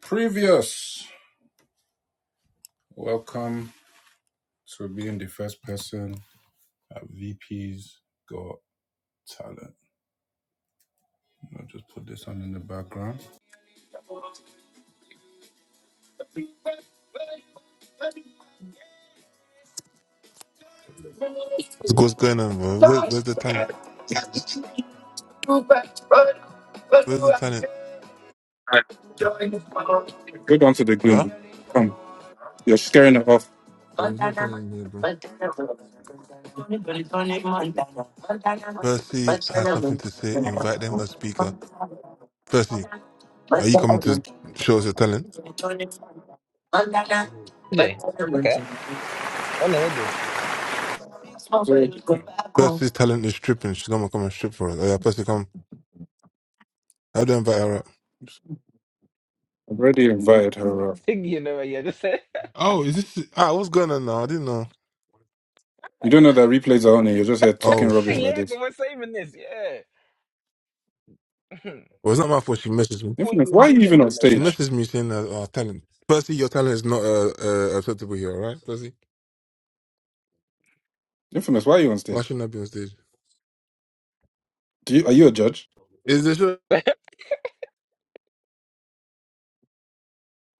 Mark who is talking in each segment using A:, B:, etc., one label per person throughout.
A: Previous, welcome to being the first person at VP's Got Talent. I'll just put this on in the background.
B: What's, what's going on, bro? Where, where's the talent? Where's the talent?
A: Go down to the
B: Huh?
A: green. Come, you're scaring it off.
B: There was no talent in here, bro. Percy has something to say. Invite them as speaker. Percy, are you coming to show us your talent?
C: Jay. Okay. I know what this.
A: Bro, you
B: Percy's talent is stripping. She's gonna come and strip for us. Oh yeah, Percy, come. How do I invite her up?
C: You know, yeah, just say,
B: Oh, is this ah? What's going on now? I didn't know.
A: don't know
B: Oh shit.
C: yeah,
A: about this.
C: because we're saving this, yeah.
B: Well, it's not my fault. She messaged me.
C: Before
A: Infamous,
C: you were
A: why are you
C: DJing
A: even on
C: Layla,
B: She
C: you know.
A: stage?
B: messaged me saying that our talent. Percy, your talent is not uh, uh acceptable here. All right, Percy.
A: Infamous, why are you on
B: Why
A: stage?
B: shouldn't I be on stage?
A: Do you, are you a judge?
B: Is this? show?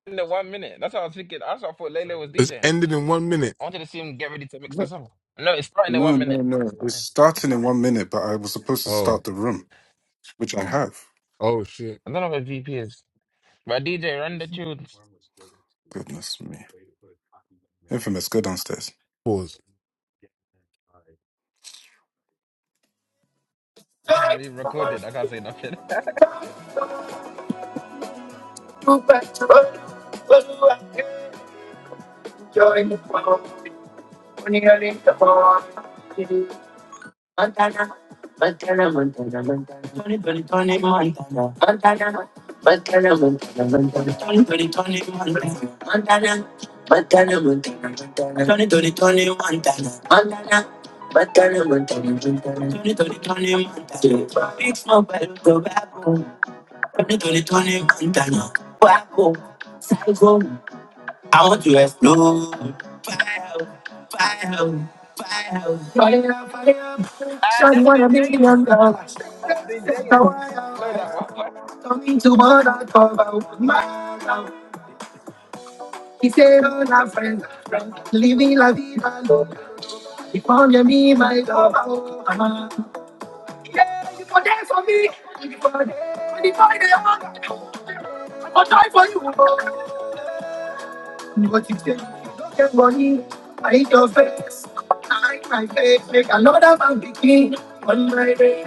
C: In the one minute. That's how I was thinking. I thought thought Layla was
B: It's
C: DJing.
B: ended in one minute.
C: I wanted to see him get ready to mix the
A: No,
C: song. No, it's starting in
A: no,
C: one minute.
A: no.
C: It's
A: It's
C: starting.
A: starting in one minute, but I was supposed to
B: Oh,
A: start the room, which I have.
B: oh shit.
C: I don't know what VP is. But DJ, run the tunes.
A: Goodness me. Infamous, go downstairs.
B: Pause.
C: It's re-recorded. I can't say nothing.
A: Montana, Montana, Montana, Montana, 2020, Montana, Montana, Montana, Montana, Montana, 2020, Montana, Montana, Montana, Montana, Montana, 20 Montana, Montana, Montana, Montana, 2020, Montana, big smoke, but go Montana, back home, psycho, I want to explode, hell, fire, fire, fire, fire,
C: Ah, that's the
A: don't
C: James. That's the James. I know that
A: need to bother, talk about my love. Y quiero la friend, living la vida loca. Y ponle a mí, my love, oh, mamá. Yeah, you for there for me. You for there. When you find the hunger, I'll die for you. But you say, you don't get money. I hate your face. I hate my face. Make another man begin on my day.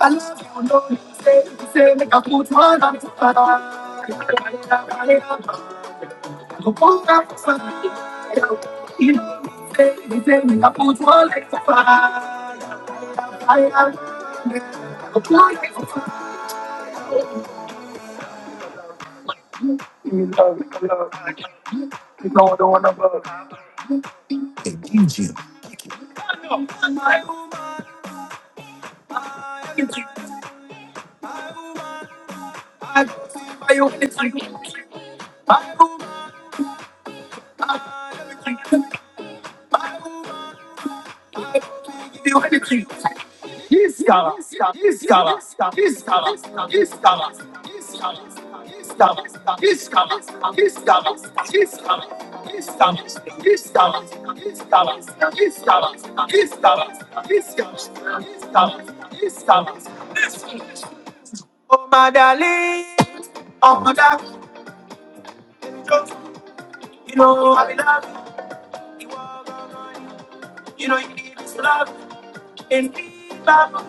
A: I love you, no, you say, you say, make a put one on the fire. I put up a fight. You know, baby, baby, I put you on like fire. I am the one. You love, you love, you know I don't want to love. I am the one. You treat, I am the one. You treat, I am the one. You treat. Oh my darling, oh my darling, you know I love you. You You know you need this love and me, Baba.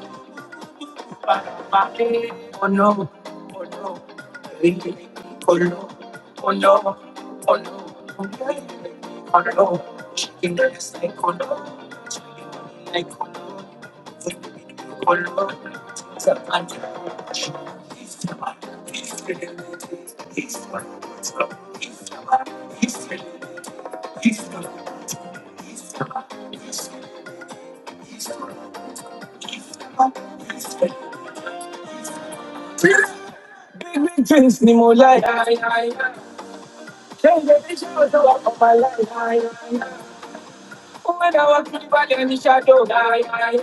A: Oh no, oh no, oh no, oh no, oh no, oh no, chicken is like oh no, chicken like oh no, oh no, it's a bunch of chicken. It's a bunch of chicken. It's a bunch of chicken. It's a bunch of chicken. It's a bunch of chicken. It's a bunch of chicken. It's a bunch of chicken. Oh, yeah, yeah, yeah, yeah. Change the shadows of my life. aye, aye, aye. When I walk through the valley and the shadow, aye, aye,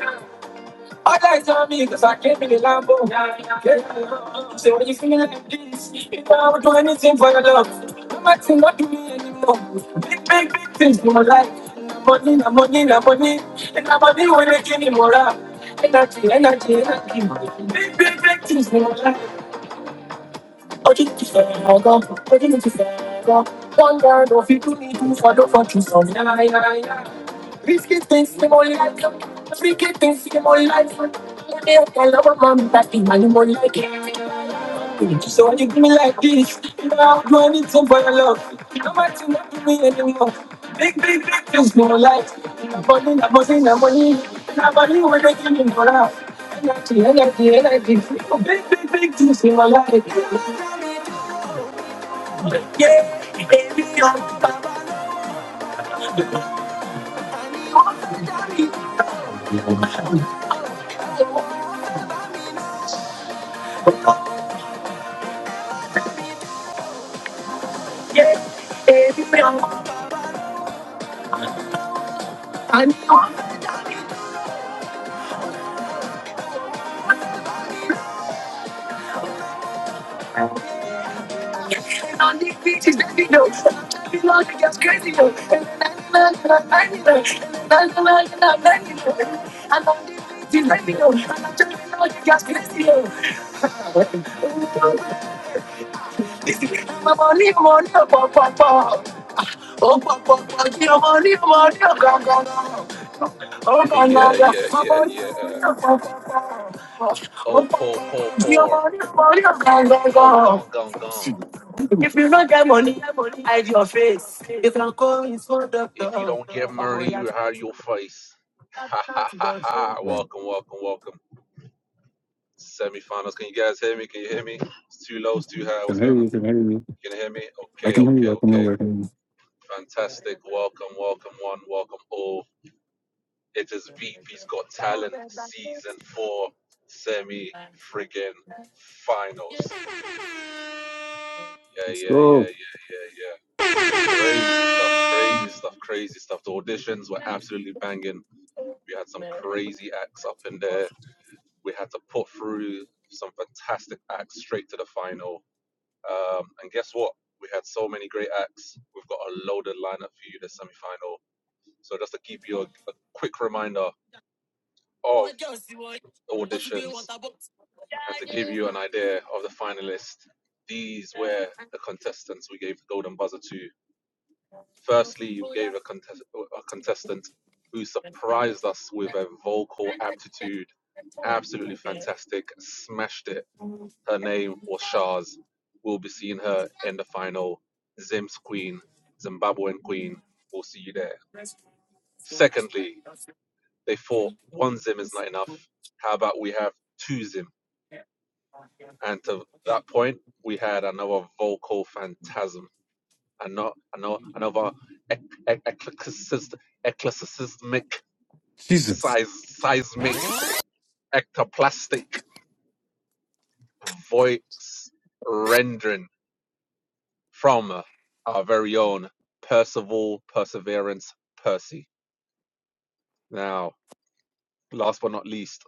A: All eyes on me, cause I came in the Lambo. yeah. aye, aye. So when you feel like this, you know I would do anything for your love. No matter what you mean anymore. Big, big, big things in my life. money, na money, na money. And na money when they give me more. Energy, energy, energy. Big, big, big things in my life. Urgente One guard of it to me, two for the front, two for yeah, yeah, yeah. Risky things, the more like them. Freaky things, the more like them. Money, I can love a man, that thing, man, you more like it. So you give me like this. Now do I need some for your love? No matter what you me anymore. Big, big, big things, no light. Nobody, nobody, nobody. Nobody will make you in for love. Energy, energy, energy. Big, big, big things more like yeah, everyone. Yeah, everyone. I know I'm in on these beaches, baby, no. I'm driving along, it gets crazy, no. And then I know I'm lying, no. And then I know I'm lying, no. I'm on these beaches, baby, no. And I'm driving along, it gets crazy, no. Listen, I'm on it, I'm on it, oh, pop, pop, pop. Oh, pop, pop, pop, yeah, I'm on it, I'm on it, oh, go, go, go. Oh, go, go, go. I'm
D: Yeah,
A: on it,
D: yeah,
A: I'm
D: yeah,
A: on it,
D: yeah.
A: oh, pop, pop, pop. Oh,
D: Oh,
A: pop, pop,
D: poor, poor,
A: yeah, I'm
D: poor.
A: on it, I'm on it, oh, go, go,
D: Oh,
A: go.
D: gone, gone, gone.
A: If you don't get money, hide your face. You can call his own doctor.
D: If you
A: Oh
D: don't get money,
A: my God.
D: you hide your face. Ha ha ha ha.
A: Yeah.
D: Welcome, welcome, welcome. Semifinals. Can you guys hear me? Can you hear me? It's too low, it's too high. What's
A: Can
D: going
A: hear
D: on?
A: you, can hear you.
D: Can you hear me?
A: I
D: Okay,
A: can hear
D: okay,
A: you, I can hear
D: okay.
A: you, I can hear you.
D: Fantastic. Welcome, welcome, one, welcome all. It is VP's Got Talent season four semi friggin' finals. Yeah,
A: Let's
D: yeah, yeah,
A: go.
D: yeah, yeah, yeah. Crazy stuff, crazy stuff, crazy stuff. The auditions were absolutely banging. We had some crazy acts up in there. We had to put through some fantastic acts straight to the final. Um, and guess what? We had so many great acts. We've got a loaded lineup for you, the semi final. So, just to give you a, a quick reminder of auditions and to give you an idea of the finalists, these were the contestants we gave the Golden Buzzer to Firstly, we gave a, contest- a contestant who surprised us with a vocal aptitude. Absolutely fantastic. Smashed it. Her name was Shaz. We'll be seeing her in the final. Zim's Queen, Zimbabwean Queen. We'll see you there. Secondly, they thought one Zim is not enough. How about we have two Zim? And to that point, we had another vocal phantasm. Ano- ano- Another ec- ec- eclectic- eclecticismic
A: Jesus.
D: Seis seismic ectoplastic voice rendering from our very own Percival Perseverance Percy. Now, last but not least,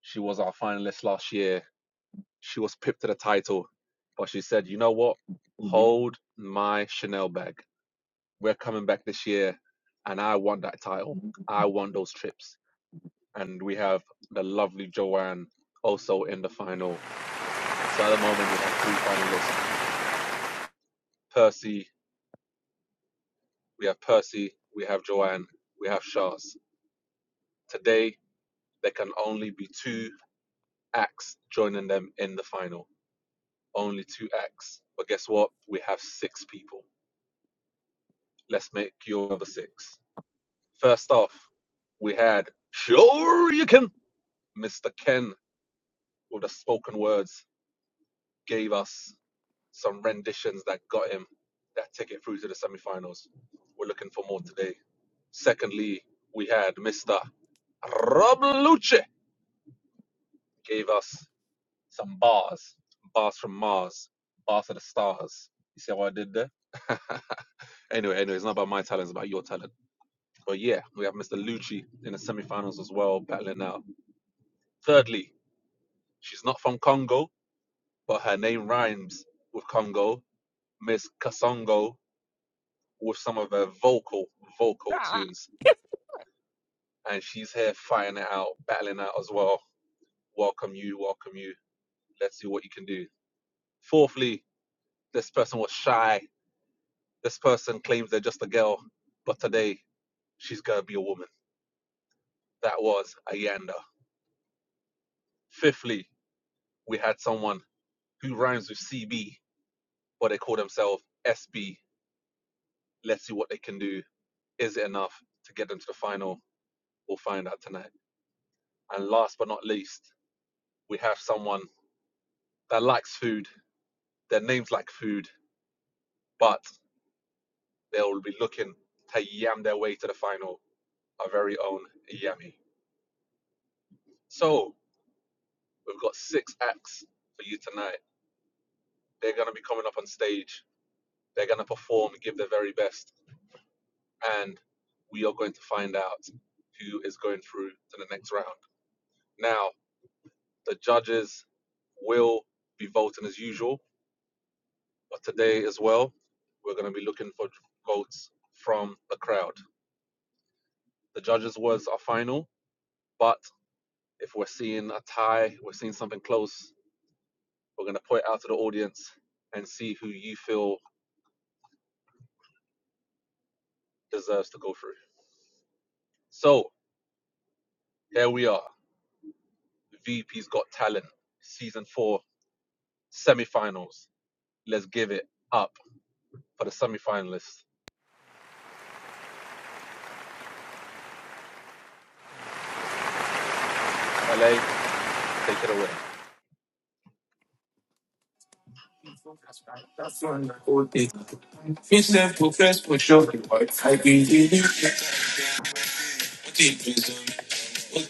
D: she was our finalist last year. She was pipped to the title, but she said, you know what? Hold my Chanel bag. We're coming back this year, and I want that title. I want those trips. And we have the lovely Joanne also in the final. So at the moment, we have three finalists Percy, we have Percy, we have Joanne, we have Shaz. Today, there can only be two acts joining them in the final. Only two acts. But guess what? We have six people. Let's make your other six. First off, we had Sure You Can. Mr. Ken with the spoken words gave us some renditions that got him that ticket through to the semi-finals. We're looking for more today. Secondly, we had Mr. Rob Luce gave us some bars, bars from Mars, bars of the stars. You see what I did there? anyway, anyway, it's not about my talent, it's about your talent. But yeah, we have Mr. Lucci in the semi-finals as well, battling out. Thirdly, she's not from Congo, but her name rhymes with Congo. Miss Kasongo with some of her vocal vocal tunes, and she's here fighting it out, battling out as well. Welcome you, welcome you. Let's see what you can do. Fourthly, this person was shy. This person claims they're just a girl, but today she's gonna be a woman. That was Ayanda. Fifthly, we had someone who rhymes with CB, but they call themselves SB. Let's see what they can do. Is it enough to get them to the final? We'll find out tonight. And last but not least, we have someone that likes food Their names lack food, but they'll be looking to yam their way to the final. Our very own Yami. So we've got six acts for you tonight. They're going to be coming up on stage. They're going to perform, and give their very best, and we are going to find out who is going through to the next round. Now, the judges will be voting as usual, but today as well, we're going to be looking for votes from the crowd. The judges' words are final, but If we're seeing a tie, we're seeing something close, we're going to point out to the audience and see who you feel deserves to go through. So here we are. VP's Got Talent, season four, semifinals. Let's give it up for the semifinalists. LA, take it away.
A: That's one whole day. Fix them for fresh for sure. I can hear you. Put it prison. Put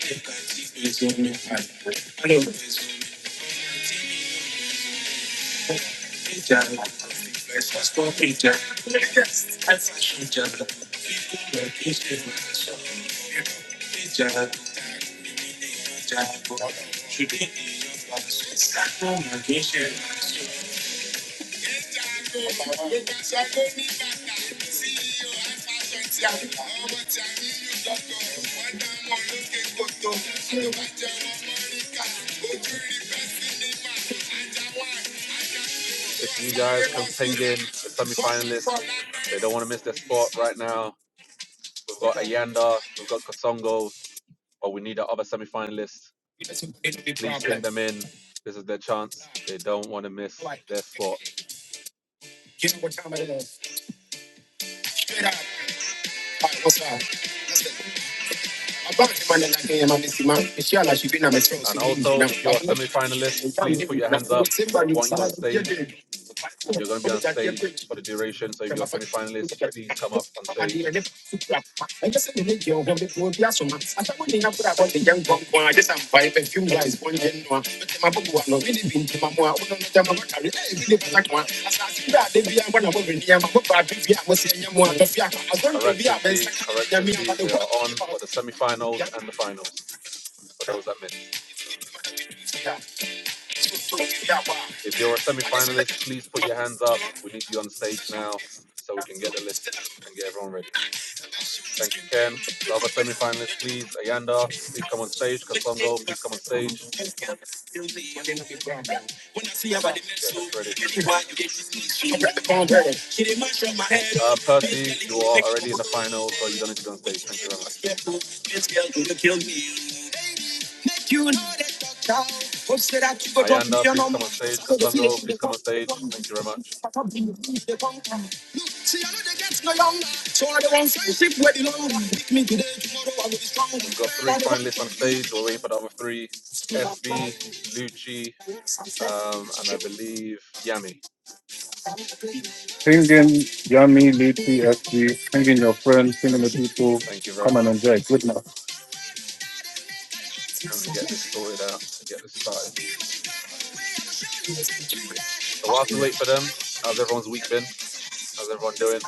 A: it prison.
D: If you guys can ping in the semifinalists, they don't want to miss their spot right now. We've got Ayanda, we've got Katsongo, but we need the other semifinalists. please ping them in. This is their chance. They don't want to miss their spot. And also, if you're a semi-finalist, please put your hands up. Want you on stage? You're going to be on stage for the duration. So if you're a semi-finalist, please come up on stage. Correct, Cynthia. Correct, Cynthia. They are on for the semi-finals and the finals for those that miss. If you're a semi-finalist, please put your hands up. We need you on stage now so we can get the list and get everyone ready. Thank you, Ken. The other semi-finalists, please. Ayanda, please come on stage. Kansongo, please come on stage. Get this ready. Uh, Percy, you are already in the final, so you don't need to be on stage. Thank you very much. Ayanda, please come on stage. Kasongo, please come on stage. Thank you very much. We've got three finalists on stage. We're waiting for the other three. SB, Lucci, um, and I believe Yami.
A: Singing Yummy, Leafy, SG,
D: Thank,
A: singing your friends, singing the people,
D: thank you very
A: come and
D: much.
A: enjoy. Good now.
D: And we get this sorted out and get this started. So whilst we wait for them, how's everyone's week been? How's everyone doing?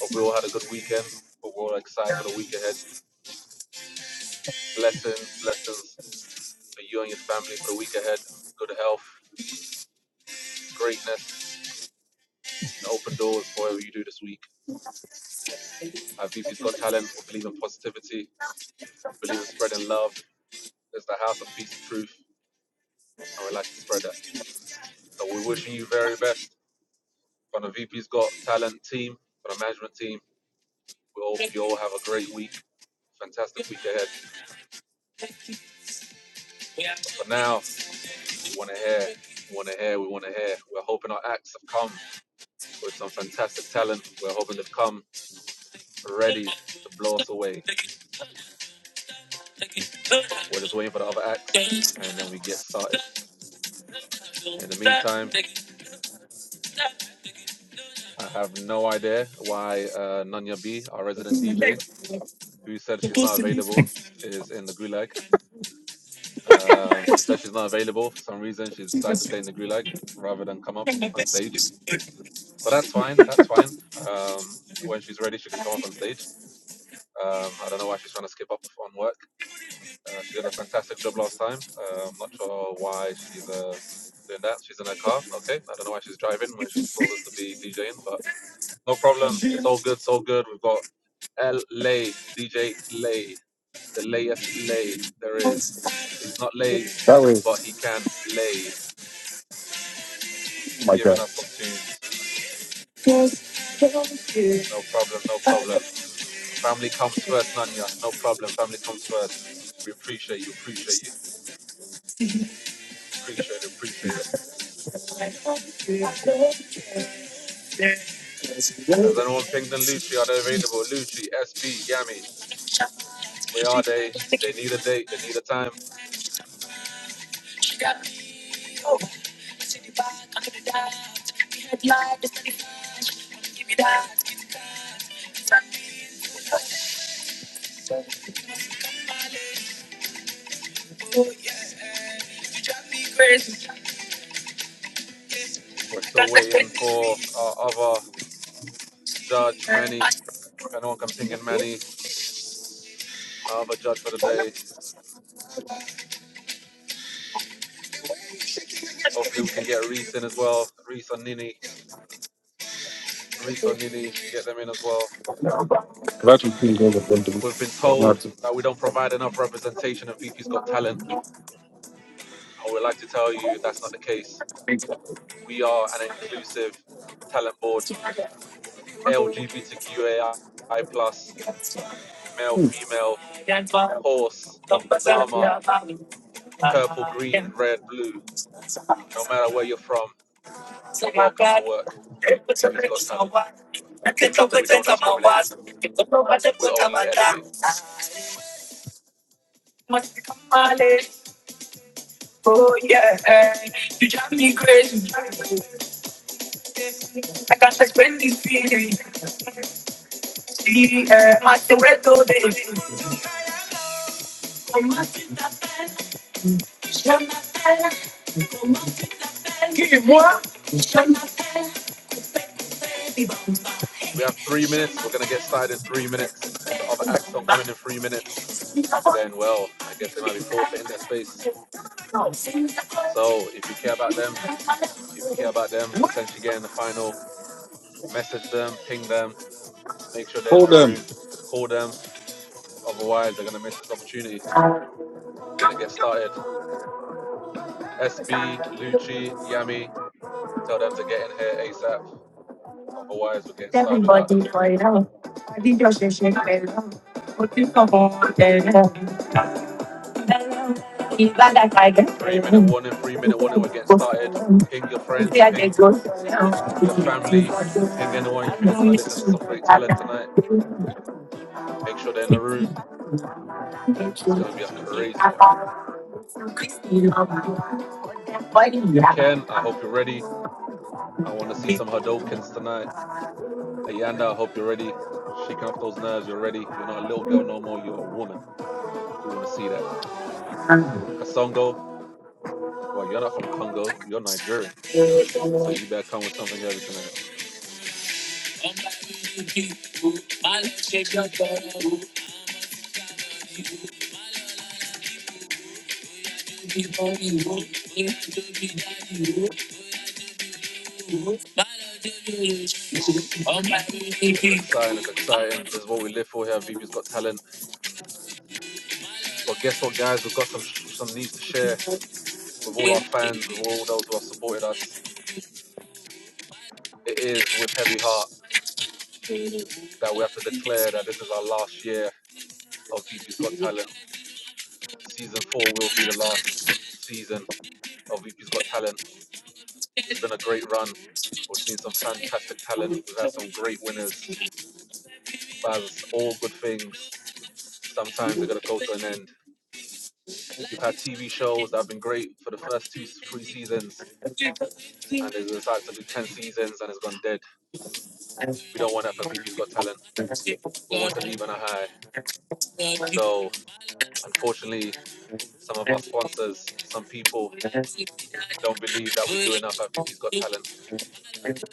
D: Hope we all had a good weekend. Hope we're all excited for the week ahead. Blessings, blessings for you and your family for the week ahead. Good health, greatness, and open doors for whatever you do this week. At VP's Got Talent, we believe in positivity, believe in spreading love. It's the house of peace and truth, and we like to spread that. So we're wishing you very best from the VP's Got Talent team, from the management team. We hope you all have a great week, fantastic week ahead. But for now, we want to hear, we want to hear, we want to hear. We're hoping our acts have come with some fantastic talent. We're hoping to come ready to blow us away. We're just waiting for the other acts, and then we get started. In the meantime, I have no idea why uh, Nanya B, our resident DJ, who said she's not available, is in the gulag. Um, she said she's not available for some reason. She decided to stay in the gulag rather than come up on stage. But that's fine. That's fine. Um, when she's ready, she can come up on stage. Um, I don't know why she's trying to skip up on work. Uh, she did a fantastic job last time. Uh, I'm not sure why she's uh, doing that. She's in her car. Okay. I don't know why she's driving when she's supposed to be DJing, but no problem. It's all good. It's all good. We've got L Lay, DJ Lay, the layest Lay there is. He's not lays,
A: That was
D: but he can lay,
A: my
D: giving
A: God.
D: us some tunes. No problem. No problem. Family comes first, Nanya. No problem. Family comes first. We appreciate you. Appreciate you. Appreciate it. Appreciate it. Has anyone pinged in Lucci? Are they available? Lucci, SB, Yami, where are they? They need a date, they need a time. We're still waiting for our other judge, Manny. If anyone can ping in Manny, our other judge for the day. Hopefully, we can get Reese in as well. Reese or Nini. Reese or Nini, if we can get them in as well.
A: That was pretty
D: We've been told
A: good.
D: that we don't provide enough representation of VP's Got Talent, and we'd like to tell you that's not the case.
A: Oh
D: We are an inclusive talent board, LGBTQAI, plus, male, female, horse, llama, purple, green, red, blue. No matter where you're from, you're welcome to work. BP's Got Talent. We don't discriminate. We only elevate.
A: yeah, you drive me crazy. I can't explain this feeling. Yeah, my Toretto baby. on, m'appelle, ta belle, je m'appelle, Dis-moi. je m'appelle, Baby
D: We have three minutes. We're gonna get started in three minutes. If the other acts don't come in in three minutes,
A: Bamba.
D: then well, I guess they might be forfeiting their space. So if you care about them, if you care about them potentially getting the final, message them, ping them, make sure they're in
A: Hold
D: the
A: them.
D: room, call them. Otherwise, they're gonna miss this opportunity. We're gonna get started. SB, Lucci, Yami, Tell them to get in here ASAP. Otherwise, we're getting started without them.
A: Everybody play love. I think you're just shake play love. Put come on, play love. If that I get
D: Three
A: play
D: minute
A: love.
D: warning, three minute warning, we're getting started. Ping your
A: Them
D: friends,
A: I get ghost play love. Them I
D: ping
A: get ghost play love.
D: your
A: you do
D: family,
A: not do that,
D: ping anyone you think is
A: don't
D: going to
A: you
D: listen to
A: do
D: some great
A: that,
D: talent tonight. Make sure they're in the room.
A: City, I get you.
D: It's going to be a
A: If
D: crazy
A: I
D: one.
A: fall, so Christy love you. Why do you
D: Ken, I
A: have
D: hope you're ready. I want to see some Hadokens tonight. Ayanda, I hope you're ready. Shaking off those nerves, you're ready. You're not a little girl no more, you're a woman. We want to see that. Kasongo, well, you're not from Congo, you're Nigerian. So you better come with something heavy tonight. It's exciting. It's exciting. This is what we live for here. at has Got Talent. But guess what, guys? We've got some sh- some news to share with all our fans, with all those who have supported us. It is with heavy heart that we have to declare that this is our last year of VP's Got Talent. Season four will be the last season of VP's Got Talent. It's been a great run. We've seen some fantastic talent. We've had some great winners. But as all good things, sometimes they're gonna go to an end. You've had TV shows that have been great for the first two, three seasons and it decided to do 10 seasons and it's gone dead. We don't want FFPP's Got Talent. We want to leave on a high. So, unfortunately, some of our sponsors, some people don't believe that we do enough at VP's Got Talent.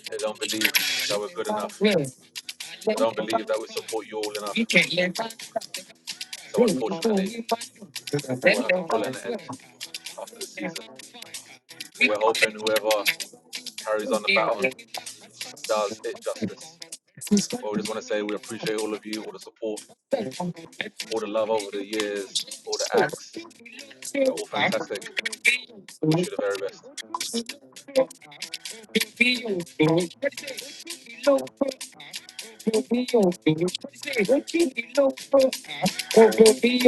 D: They don't believe that we're good enough. They don't believe that we support you all enough. So,
A: a
D: unfortunately,
A: car? Hold
D: we'll have to call it an end
A: the
D: after the season. But we're hoping whoever carries on the baton does it justice. But we just want to say we appreciate all of you, all the support, all the love over the years, all the acts. You're all fantastic wish you the very best.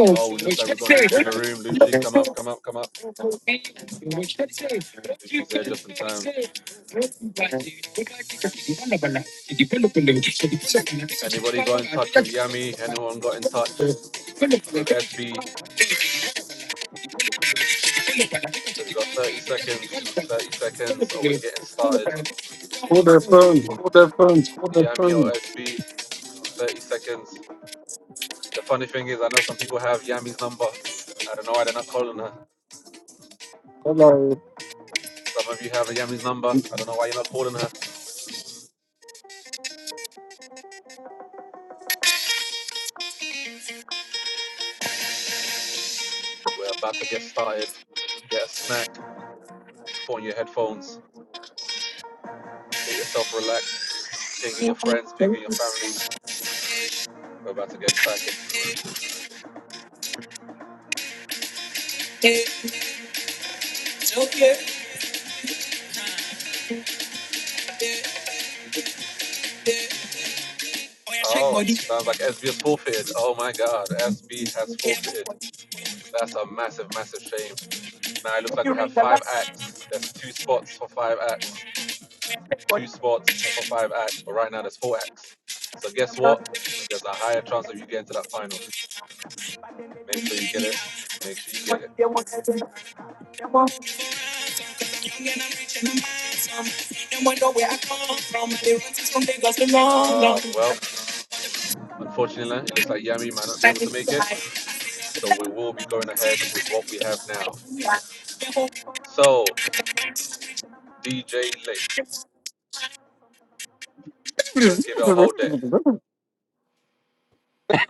D: Oh, it looks like we've got Lucci in the room. Lucci, come up, come up, come up. Lucci's there just in time. Anybody got in touch with Yami? Anyone got in touch with SB? We've got 30 seconds. 30 seconds, or we're getting started.
A: phone. hold the phone. hold the
D: Yami or
A: phone.
D: SB, 30 seconds. The funny thing is, I know some people have Yami's number. I don't know why they're not calling her. Some of you have Yami's number. I don't know why you're not calling her. We're about to get started. Get a snack, put on your headphones. Get yourself relaxed. Pinging your friends, pinging your families. We're about to get cracking.
A: Check
D: Oh,
A: body.
D: sounds like SB has forfeited. Oh my God, SB has forfeited. That's a massive, massive shame. Now it looks like we have five acts. There's two spots for five acts, two spots for five acts, but right now there's four acts. So guess what? There's a higher chance of you getting to that final. Make sure you get it. Make sure you get it. Ah, well, unfortunately, it looks like Yami might not be able to make it. So we will be going ahead with what we have now. So, DJ Lee, let's give it a whole day.
C: one.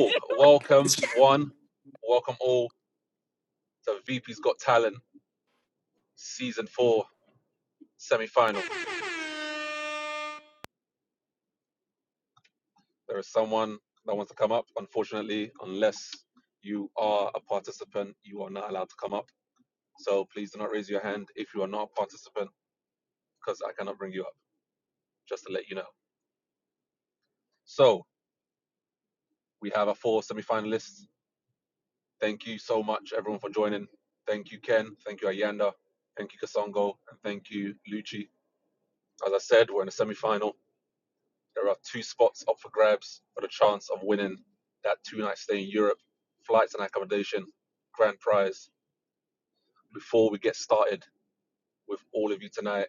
D: Welcome, one. Welcome all to VP's Got Talent Season 4 semi final. There is someone that wants to come up. Unfortunately, unless you are a participant, you are not allowed to come up. So, please do not raise your hand if you are not a participant because I cannot bring you up, just to let you know. So, we have our four semi finalists Thank you so much, everyone, for joining. Thank you, Ken. Thank you, Ayanda. Thank you, Kasongo. And thank you, Lucci. As I said, we're in the semi final. There are two spots up for grabs for the chance of winning that two night stay in Europe, flights and accommodation, grand prize. Before we get started with all of you tonight,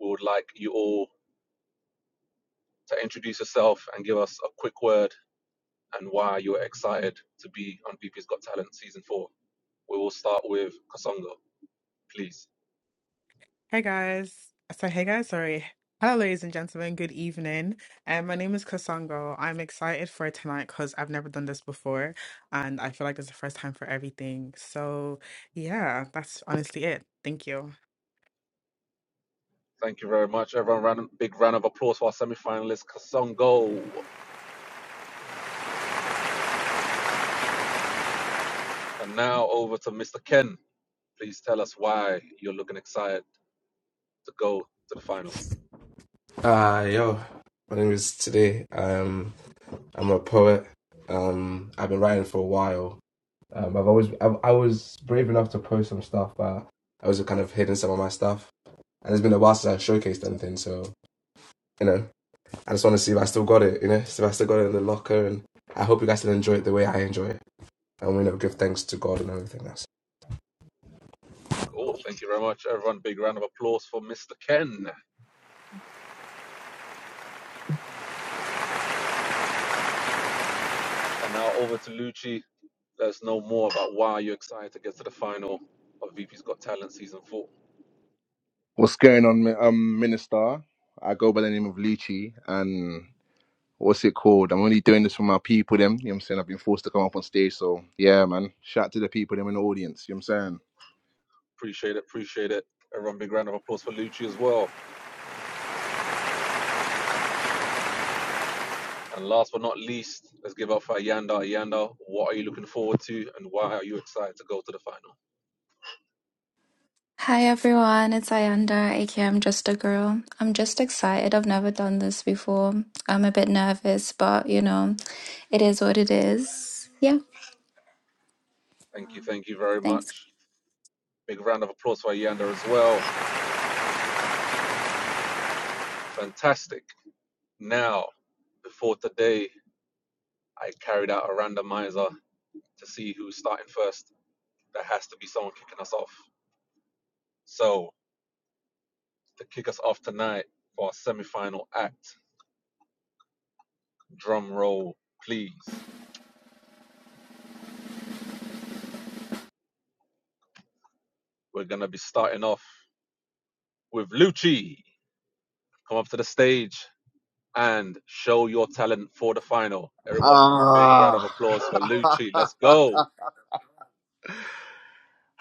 D: we would like you all to introduce yourself and give us a quick word and why you're excited to be on VP's Got Talent Season 4. We will start with Kasongo, please. Thank you very much, everyone. Round, big round of applause for our semi-finalist Kasongo. And now over to Mr. Ken. Please tell us why you're looking excited to go to the final.
E: Uh, yo, my name is Today. Um, I'm a poet. Um, I've been writing for a while. Um, I've always, I've, I was brave enough to post some stuff, but I was kind of hidden some of my stuff. And it's been a while since I showcased anything, so, you know, I just want to see if I still got it, you know, see if I still got it in the locker. And I hope you guys still enjoy it the way I enjoy it. And, we, you know, give thanks to God and everything else.
D: Oh, thank you very much, everyone. Big round of applause for Mr. Ken. And now over to Lucci. Let us know more about why you're excited to get to the final of VP's Got Talent Season 4.
F: What's going on, mi- um, Minister? I go by the name of Lucci, and what's it called? I'm only doing this for my people, them. You know what I'm saying? I've been forced to come up on stage, so yeah, man. Shout out to the people, them in the audience. You know what I'm
D: Appreciate it, appreciate it. Everyone, big round of applause for Lucci as well. And last but not least, let's give up for Yanda. Yanda, what are you looking forward to and why are you excited to go to the final?
G: Hi everyone, it's Ayanda, aka I'm Just a Girl. I'm just excited. I've never done this before. I'm a bit nervous, but you know, it is what it is. Yeah,
D: Thank you, thank you very
G: thanks.
D: much. Big round of applause for Yanda as well. Fantastic. Now, before today, I carried out a randomizer to see who's starting first. There has to be someone kicking us off. So, to kick us off tonight for our semi final act, drum roll, please. We're going to be starting off with Lucci. Come up to the stage. and show your talent for the final.
F: saying?
D: Everyone, big round of applause for Lucci.
F: Ah.
D: Let's go.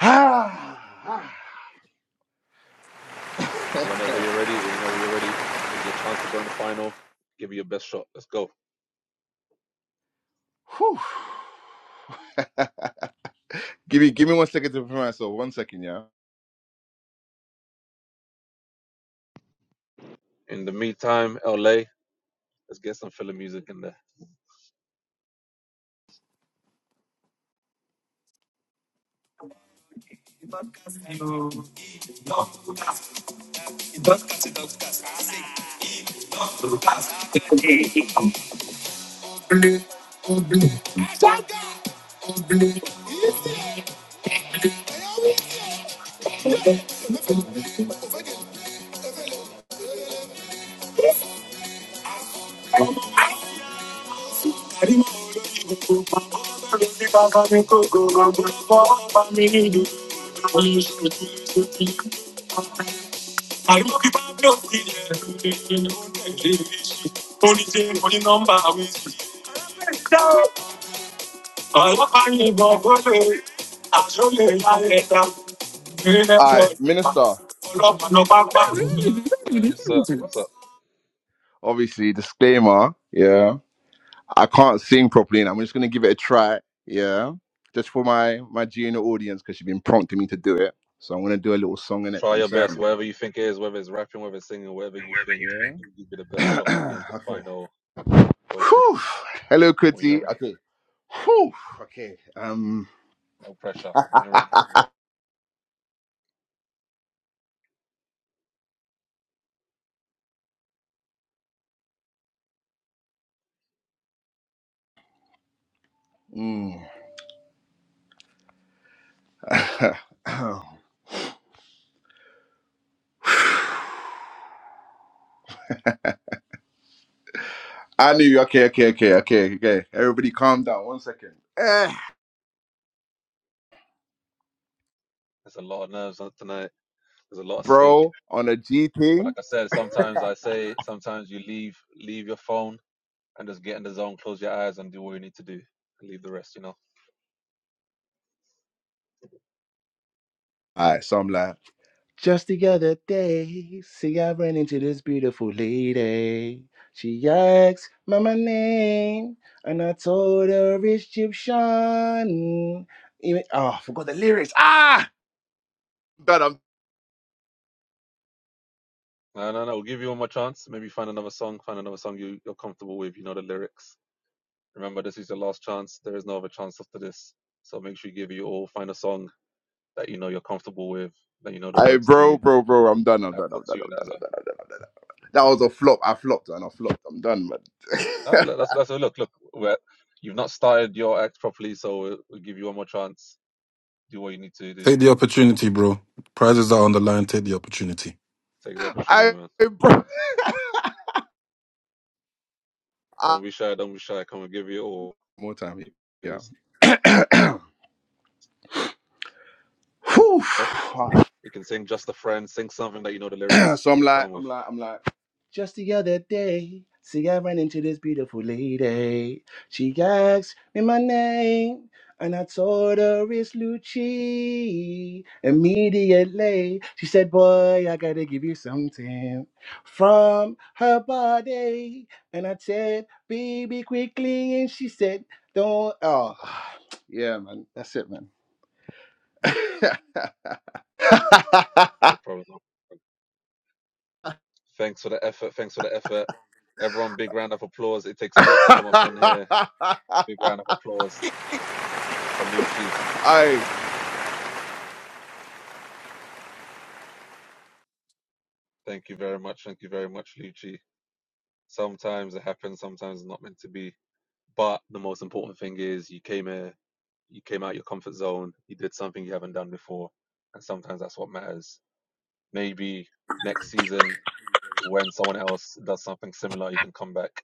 F: Ah,
D: Whenever you're ready, whenever you're ready, it's your chance to go in the final. Give it your best shot. Let's go.
F: Whew. give me, give me one second to prepare myself. One second, yeah.
D: In the meantime, LA, let's get some filler music in there.
A: Take
F: All right, Minister.
D: So, Yes, sir. What's up?
F: Obviously, disclaimer. Yeah. I can't sing properly, and I'm just gonna give it a try. Yeah, just for my my G audience because she's been prompting me to do it. So I'm gonna do a little song in it.
D: try
F: You know
D: your
F: what
D: best, whatever you think it is, whether it's rapping, whether it's singing, whatever you
F: I'm
D: think,
F: saying?
D: give it the best shot
F: Yeah.
D: again to the
F: okay.
D: final. Go for it
F: Whew. Hello,
D: when you're
F: Kuti.
D: ready.
F: Okay. Whew. Okay. Um.
D: No pressure when you're ready.
F: mm. I knew. Okay. Okay. Okay. Okay. Okay. Everybody, calm down. One second. Eh,
D: There's a lot of nerves tonight. There's a lot of stake.
F: bro, on a G
D: But like
F: thing.
D: I said, sometimes I say sometimes you leave leave your phone and just get in the zone, close your eyes and do what you need to do. And leave the rest, you know.
F: All right. So I'm like. Just the other day, see, I ran into this beautiful lady. She asked me my name, and I told her Egyptian. Even, oh, I forgot the lyrics. Ah! Done. I'm,
D: No, no, no. We'll give you one more chance. Maybe find another song, find another song you, you're comfortable with, you know the lyrics. Remember this is your last chance. There is no other chance after this. So make sure you give you all find a song that you know you're comfortable with, that you know the
F: I,
D: words
F: bro,
D: to
F: bro, bro, I'm done. I'm
D: that
F: done. I'm
D: puts
F: done.
D: you in
F: I'm
D: as
F: done. I'm done. I'm done. I'm done. That was a flop. I flopped and I flopped. I'm done, man.
D: a no, that's that's a look, look, we're, you've not started your act properly, so we'll, we'll give you one more chance. Do what you need to do.
A: the opportunity, bro. Prizes are on the line. Take the opportunity.
D: Take the opportunity,
F: I,
D: man.
F: bro. Ah,
D: Don't be shy. Don't be shy. Come and give you all.
F: More time.
D: You can
F: Yeah. Whew.
D: uh,
F: ah.
D: sing just a friend. Sing something that you know the lyrics.
F: So I'm
D: You're
F: like,
D: calm with.
F: I'm like, I'm like. Just the other day, see, I ran into this beautiful lady. She asked me my name, and I told her it's Lucci. Immediately, she said, Boy, I gotta give you something from her body. And I said, Baby, quickly. And she said, Don't. Oh, yeah, man. That's it, man.
D: No No problem. Thanks for the effort. Thanks for the effort. Everyone, big round of applause. It takes a lot to come up on here. Big round of applause for Lucci.
F: hey,
D: Thank you very much. Thank you very much, Lucci. Sometimes it happens. Sometimes it's not meant to be. But the most important thing is you came here. You came out your comfort zone. You did something you haven't done before, and sometimes that's what matters. Maybe next season when someone else does something similar, you can come back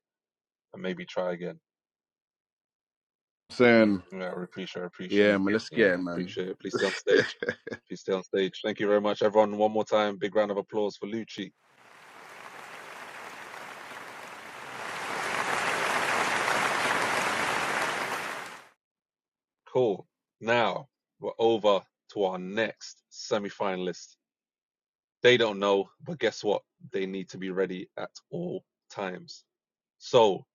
D: and maybe try again.
F: saying,
D: Yeah, I appreciate,
F: yeah,
D: appreciate.
F: man, let's
D: Yeah,
F: get it, man.
D: appreciate it. Please stay on stage. Please stay on stage. Thank you very much, everyone. One more time, big round of applause for Lucci. Cool. Now we're over to our next semi-finalist. They don't know, but guess what? They need to be ready at all times. So,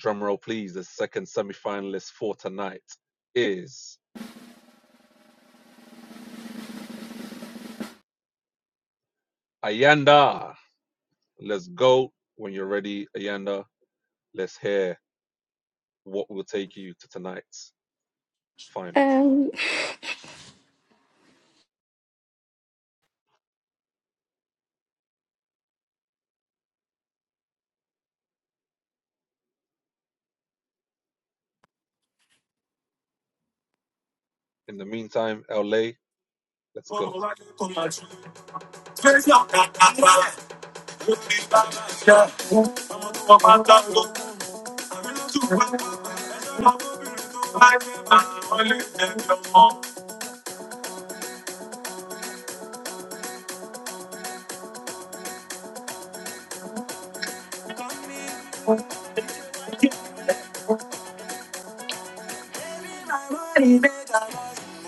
D: drum roll, please. The second semi-finalist for tonight is Ayanda. Let's go when you're ready, Ayanda. Let's hear what will take you to tonight's final.
G: Um,
D: In the meantime, LA, let's go.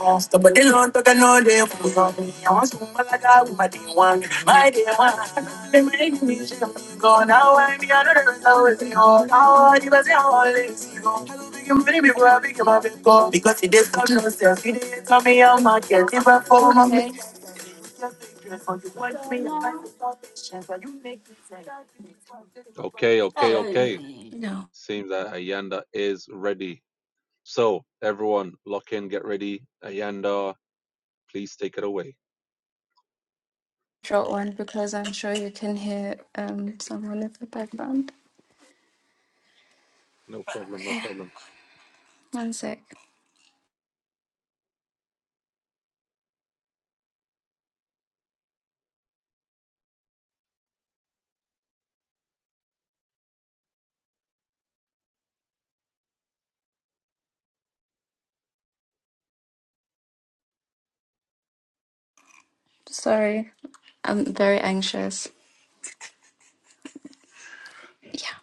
A: But they don't talk no day for me. I want some malaga with my day one. My day one. They make me Go now I'm the other side with you. How hard was always you. I Because it is not no It is not me. I'm not getting If I fall, I'm
G: okay,
A: you want me, I'm not patience. But you make me say,
D: Okay, okay, okay.
G: no
D: Seems that Ayanda is ready. So, everyone, lock in, get ready. Ayanda, please take it away.
G: short one because I'm sure you can hear um someone in the background.
D: No problem, no
G: Okay,
D: problem.
G: one sec. Sorry, I'm very anxious. Yeah,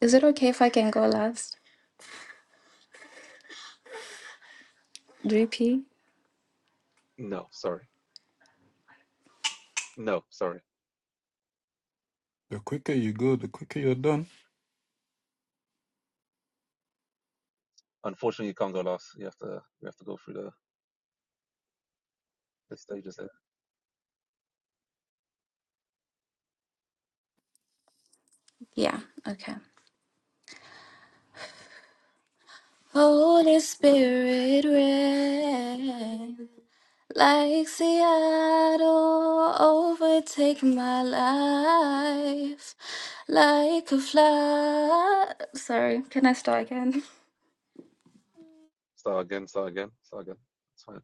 G: is it okay if I can go last? Repeat.
D: No, sorry. No, sorry.
A: The quicker you go, the quicker you're done.
D: Unfortunately, you can't go last. You have to, you have to go through the, the stages there.
G: Yeah. Okay. Holy Spirit, rain. Like Seattle, overtake my life like a fly. Sorry, can I start again?
D: Start again, start again, start again. It's fine.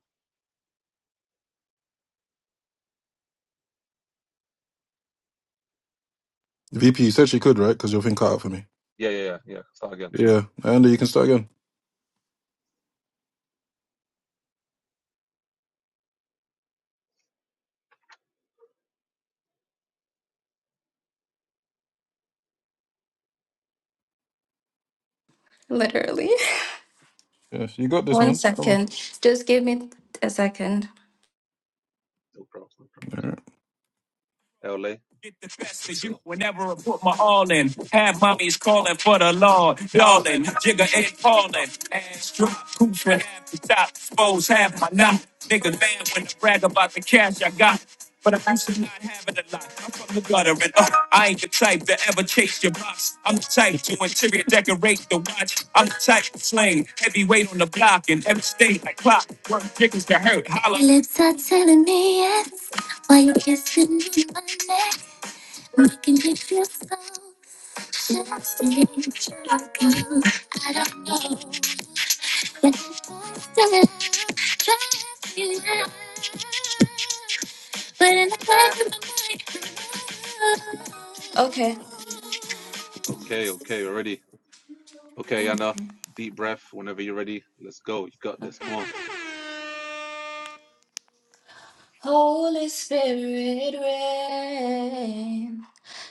A: VP, you said she could, right? Because your thing cut out for me.
D: Yeah, yeah, yeah, yeah. Start again.
A: Yeah, and you can start again.
G: Literally.
A: Yes, you got this,
G: One
A: man. Come on.
G: second. Just give me a second.
D: No problems, no problems. LA, let's go.
G: Okay.
D: Okay, okay, we're ready. Okay, Yana,
G: Okay.
D: deep breath. Whenever you're ready, let's go. You got this.
G: Okay.
D: Come on.
G: Holy Spirit rain,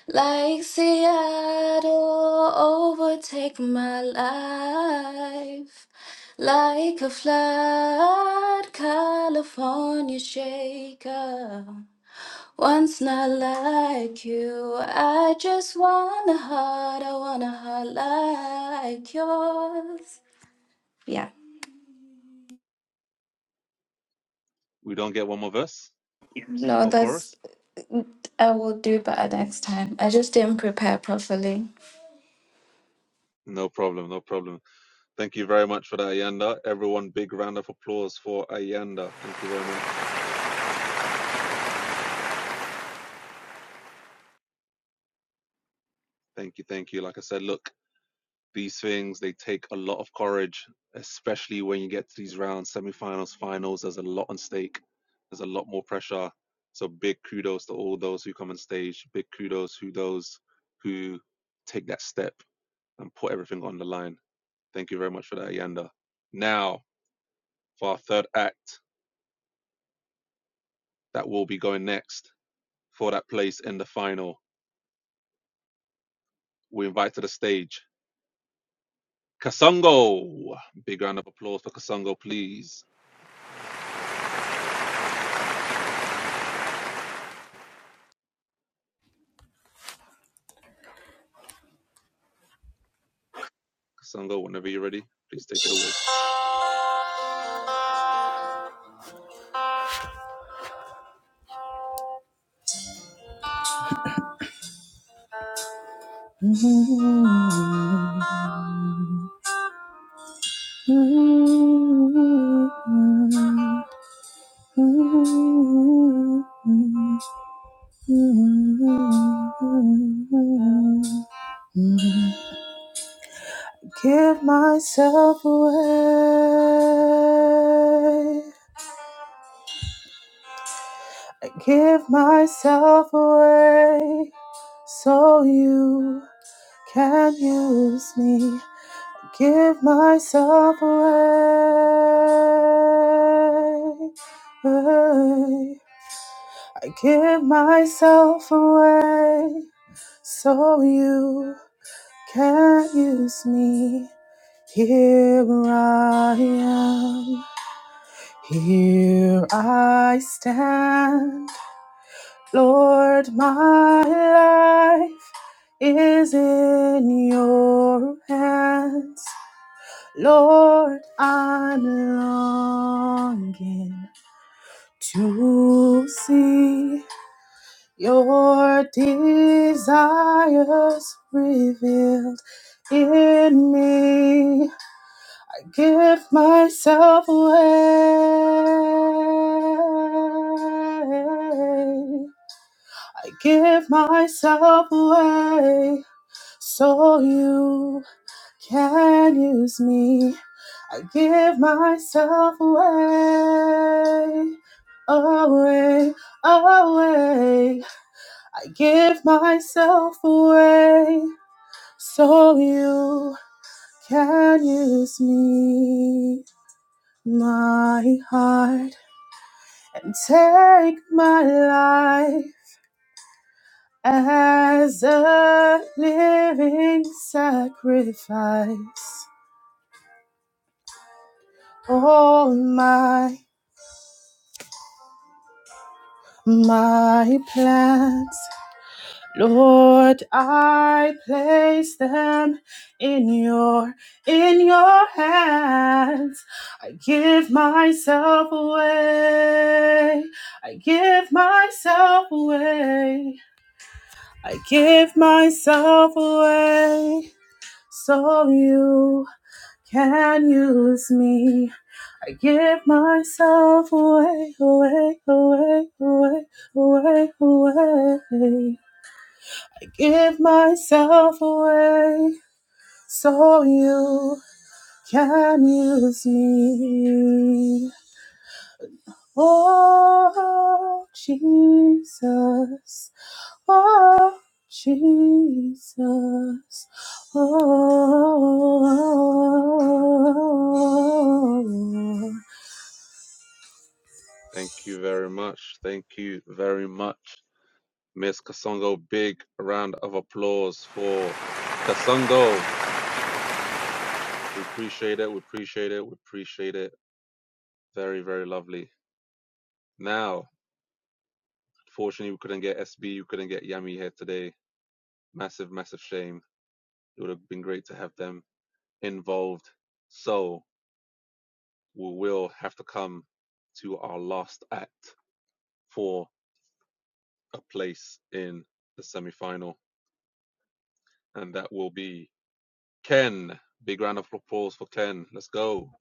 G: like Seattle, overtake my life. Like a flood, California shaker. Once not like you, I just want a heart, I want a heart like yours. Yeah,
D: We don't get one more verse
G: no,
D: or
G: that's,
D: chorus?
G: I will do better next time. I just didn't prepare properly.
D: No problem, no problem. Thank you very much for that, Ayanda. Everyone, big round of applause for Ayanda. Thank you very much. Thank you, thank you. Like I said, look, these things, they take a lot of courage, especially when you get to these rounds, semifinals, finals. There's a lot on stake, there's a lot more pressure. So big kudos to all those who come on stage. Big kudos to those who take that step and put everything on the line. Thank you very much for that, Yanda. Now, for our third act that will be going next for that place in the final, we invite to the stage Kasongo. Big round of applause for Kasongo, please. Kasongo, whenever you're ready, please take it away.
H: Give myself away. I give myself away so you can use me. Give myself away. I give myself away so you can use me. Here I am. Here I stand. Lord, my life is in your hands. Lord, I'm longing to see your desires revealed in me. I Give myself away. I give myself away so you can use me. I give myself away, away, away. I give myself away so you can use me, my heart, and take my life as a living sacrifice. All my My plans, Lord, I place them in your in your hands. I give myself away. I give myself away. I give myself away so you can use me. I give myself away, away, away, away, away, away. I give myself away so you can use me. Oh, Jesus. Oh, Jesus. Oh,
D: Thank you very much. Thank you very much, Miss Kasongo. Big round of applause for Kasongo. We appreciate it. We appreciate it. We appreciate it. Very, very lovely. Now, unfortunately, we couldn't get SB, we couldn't get Yami here today Massive, massive shame. It would have been great to have them involved. So we will have to come to our last act for a place in the semi final, and that will be Ken. Big round of applause for Ken. Let's go.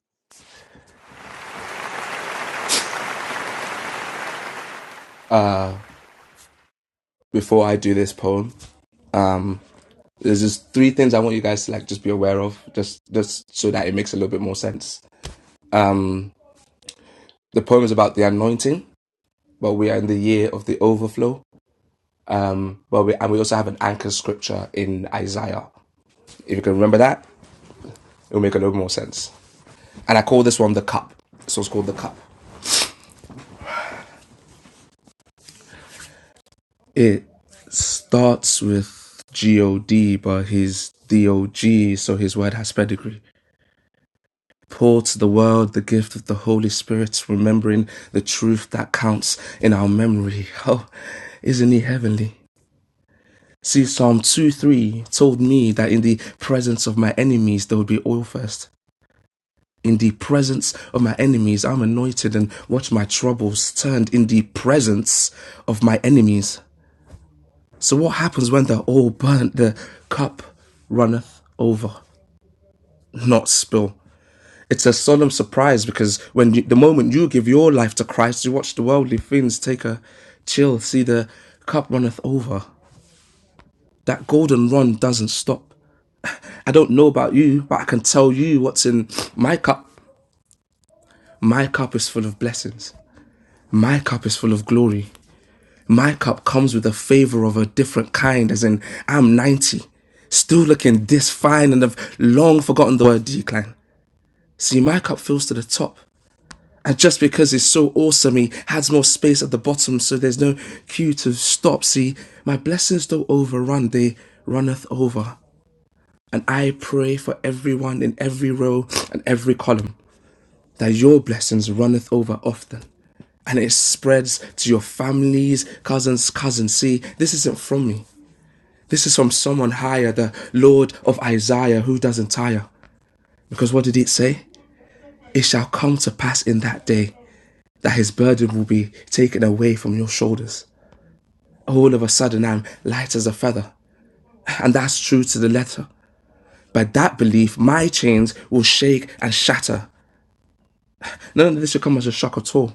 E: Uh, before I do this poem, um, there's just three things I want you guys to like just be aware of, just just so that it makes a little bit more sense. Um, the poem is about the anointing, but we are in the year of the overflow. Um, but we, and we also have an anchor scripture in Isaiah. If you can remember that, it'll make a little more sense. And I call this one the cup. So it's called the cup. It starts with God, but he's DOG, so his word has pedigree. Pour to the world the gift of the Holy Spirit, remembering the truth that counts in our memory. Oh, isn't he heavenly? See, Psalm 2 3 told me that in the presence of my enemies, there would be oil first. In the presence of my enemies, I'm anointed and watch my troubles turned in the presence of my enemies. So, what happens when the oil burnt? The cup runneth over, not spill. It's a solemn surprise because when you, the moment you give your life to Christ, you watch the worldly things take a chill. See, the cup runneth over. That golden run doesn't stop. I don't know about you, but I can tell you what's in my cup. My cup is full of blessings. My cup is full of glory. My cup comes with a favor of a different kind, as in, I'm 90, still looking this fine and I've long forgotten the word decline. See, my cup fills to the top. And just because it's so awesome, he has more space at the bottom, so there's no cue to stop. See, my blessings don't overrun, they runneth over. And I pray for everyone in every row and every column that your blessings runneth over often. And it spreads to your families, cousins, cousins. See, this isn't from me. This is from someone higher, the Lord of Isaiah, who doesn't tire. Because what did it say? It shall come to pass in that day that his burden will be taken away from your shoulders. All of a sudden, I'm light as a feather. And that's true to the letter. By that belief, my chains will shake and shatter. None of this should come as a shock at all.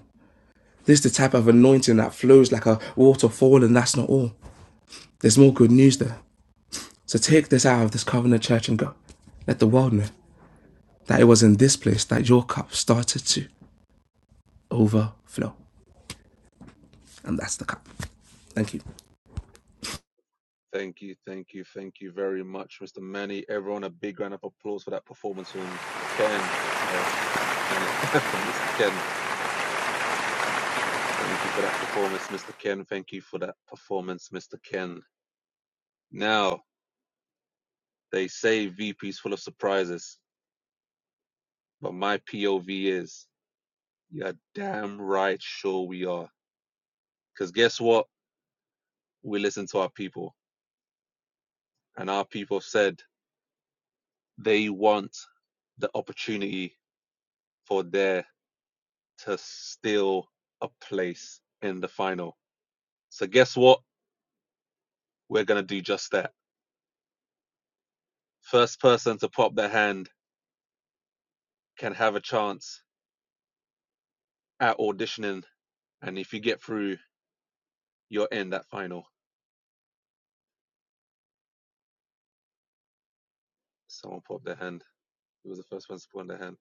E: This is the type of anointing that flows like a waterfall, and that's not all. There's more good news there. So take this out of this covenant church and go. Let the world know that it was in this place that your cup started to overflow. And that's the cup. Thank you.
D: Thank you, thank you, thank you very much, Mr. Manny. Everyone, a big round of applause for that performance from Ken. Sorry, Manny, from Mr. Ken. Thank you for that performance, Mr. Ken. Thank you for that performance, Mr. Ken. Now, They say VP's full of surprises, but my POV is you're damn right sure we are. Because guess what? We listen to our people, and our people said they want the opportunity for there to steal a place in the final. So, guess what? We're going to do just that. First person to pop their hand can have a chance at auditioning, and if you get through, you're in that final. Someone popped their hand. It was the first one to put on their hand?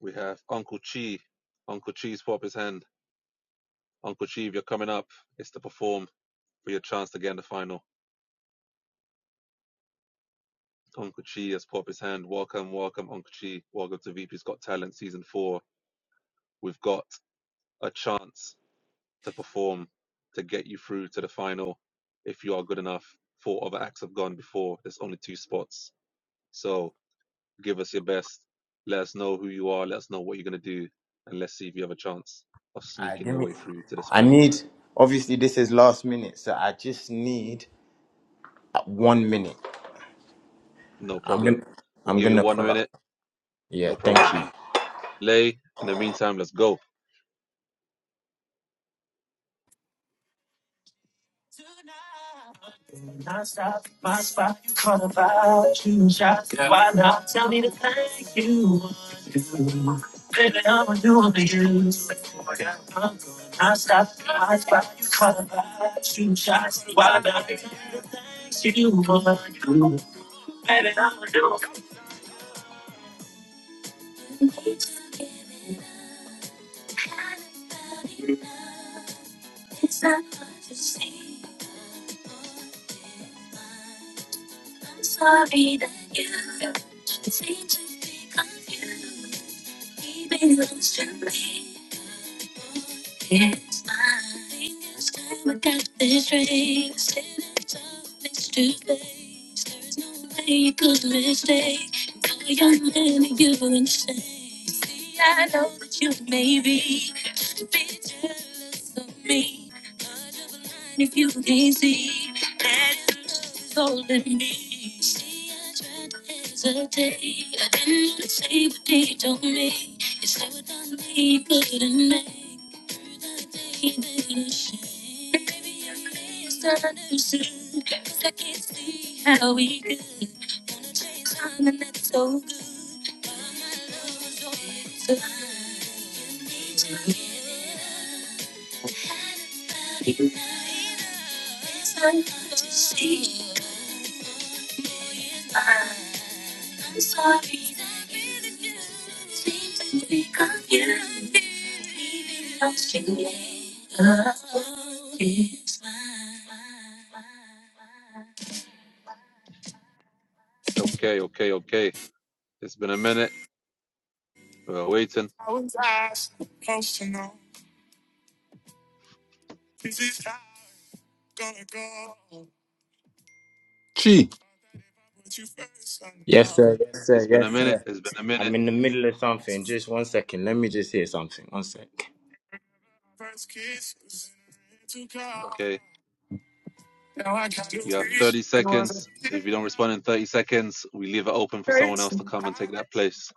D: We have Uncle Chi. Uncle Chi's put up his hand. Uncle Chi, if you're coming up, it's to perform for your chance to get in the final. Uncle Chi has put up his hand. Welcome, welcome, Uncle Chi. Welcome to VP's Got Talent Season 4. We've got a chance to perform to get you through to the final if you are good enough. Four other acts have gone before. There's only two spots. So give us your best. Let us know who you are. Let us know what you're going to do. And let's see if you have a chance of
I: I
D: sneaking
I: give
D: your
I: me.
D: way through to this
I: I
D: final.
I: need. Obviously, this is last minute, so I just need uh, one minute.
D: No
I: I'm
D: problem.
I: gonna.
D: We'll
I: I'm
D: give you
I: gonna
D: one
I: pull up.
D: minute.
I: Yeah.
D: No
I: Thank
D: problem.
I: you.
D: Lay, in the meantime, let's go.
A: Non-stop, my spot, you call about you shots. Yeah. Why not tell me to thank you? Baby, I'm a new to you. Yeah, non-stop, my spot, you call about you shots. Why not tell me to thank you? Baby, I'm a new
D: Okay, okay, okay. It's been a minute. We're waiting.
A: Chi.
I: Yes, sir. Yes,
D: It's
I: sir.
D: been a
I: Yes,
D: minute.
I: sir.
D: It's been a minute.
I: I'm in the middle of something. Just one second. Let me just hear something. One sec.
D: Okay. You have 30 seconds. If you don't respond in 30 seconds, we leave it open for someone else to come and take that place.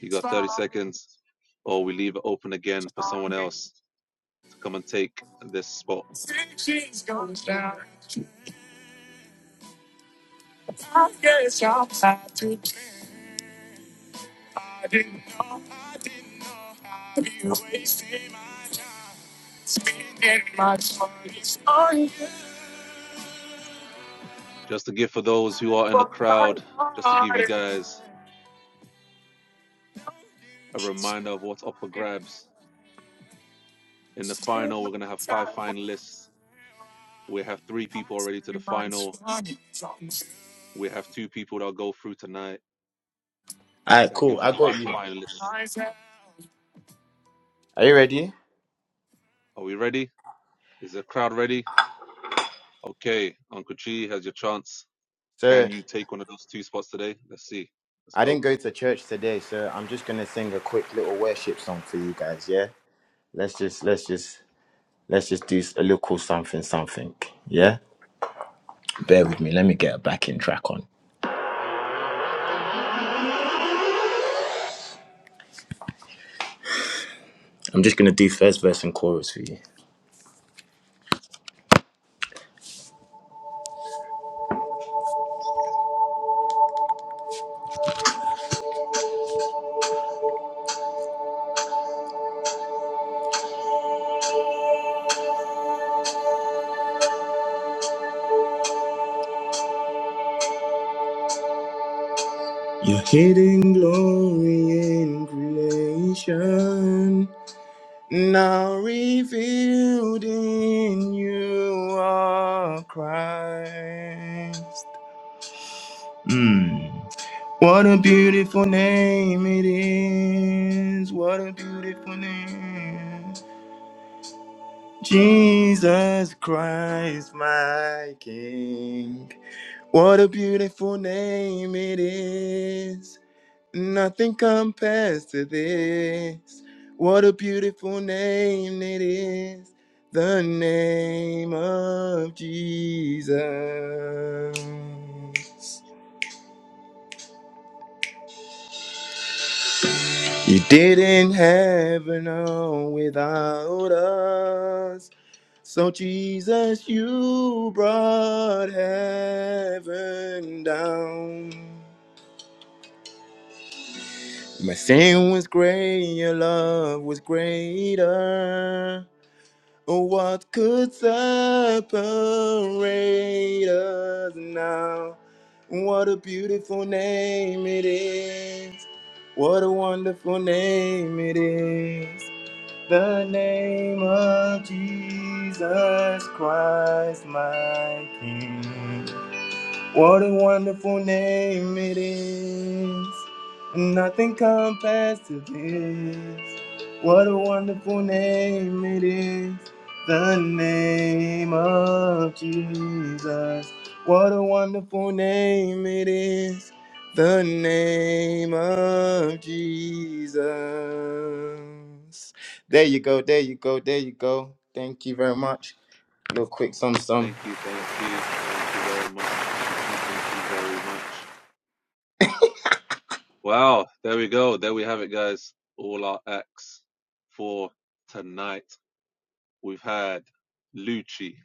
D: You got 30 seconds, or we leave it open again for someone else. to come and take this spot. Just to give for those who are in the crowd, just to give you guys a reminder of what's up for grabs. In the final, we're going to have five finalists. We have three people already to the final. We have two people that'll go through tonight.
I: All right.
D: That
I: Cool.
D: gives you
I: I got
D: five
I: you.
D: finalists.
I: Are you ready?
D: Are we ready? Is the crowd ready? Okay, Uncle Chi has your chance.
I: So
D: Can you take one of those two spots today? Let's see. Let's
I: I
D: go.
I: didn't go to church today, so I'm just gonna sing a quick little worship song for you guys. Yeah. Let's just. Let's just. Let's just do a little something. Something. Yeah. Bear with me. Let me get a backing track on. I'm just gonna do first verse and chorus for you. Your hidden glory in creation, now revealed in you are Christ. Mm. What a beautiful name it is! What a beautiful name, Jesus Christ, my King. What a beautiful name it is! Nothing compares to this. What a beautiful name it is. The name of Jesus. You didn't have an home without us. So, Jesus, you brought heaven down. My sin was great, your love was greater. What could separate us now? What a beautiful name it is. What a wonderful name it is. The name of Jesus Christ, my King. What a wonderful name it is. Nothing compares to this. What a wonderful name it is. The name of Jesus. What a wonderful name it is. The name of Jesus. There you go, there you go, there you go. Thank you very much. Little quick sum
D: Thank
I: sum.
D: you, thank you, thank you very much, Uncle Chi. Thank you very much. Wow, there we go. There we have it, guys. All our acts for tonight. We've had Lucci.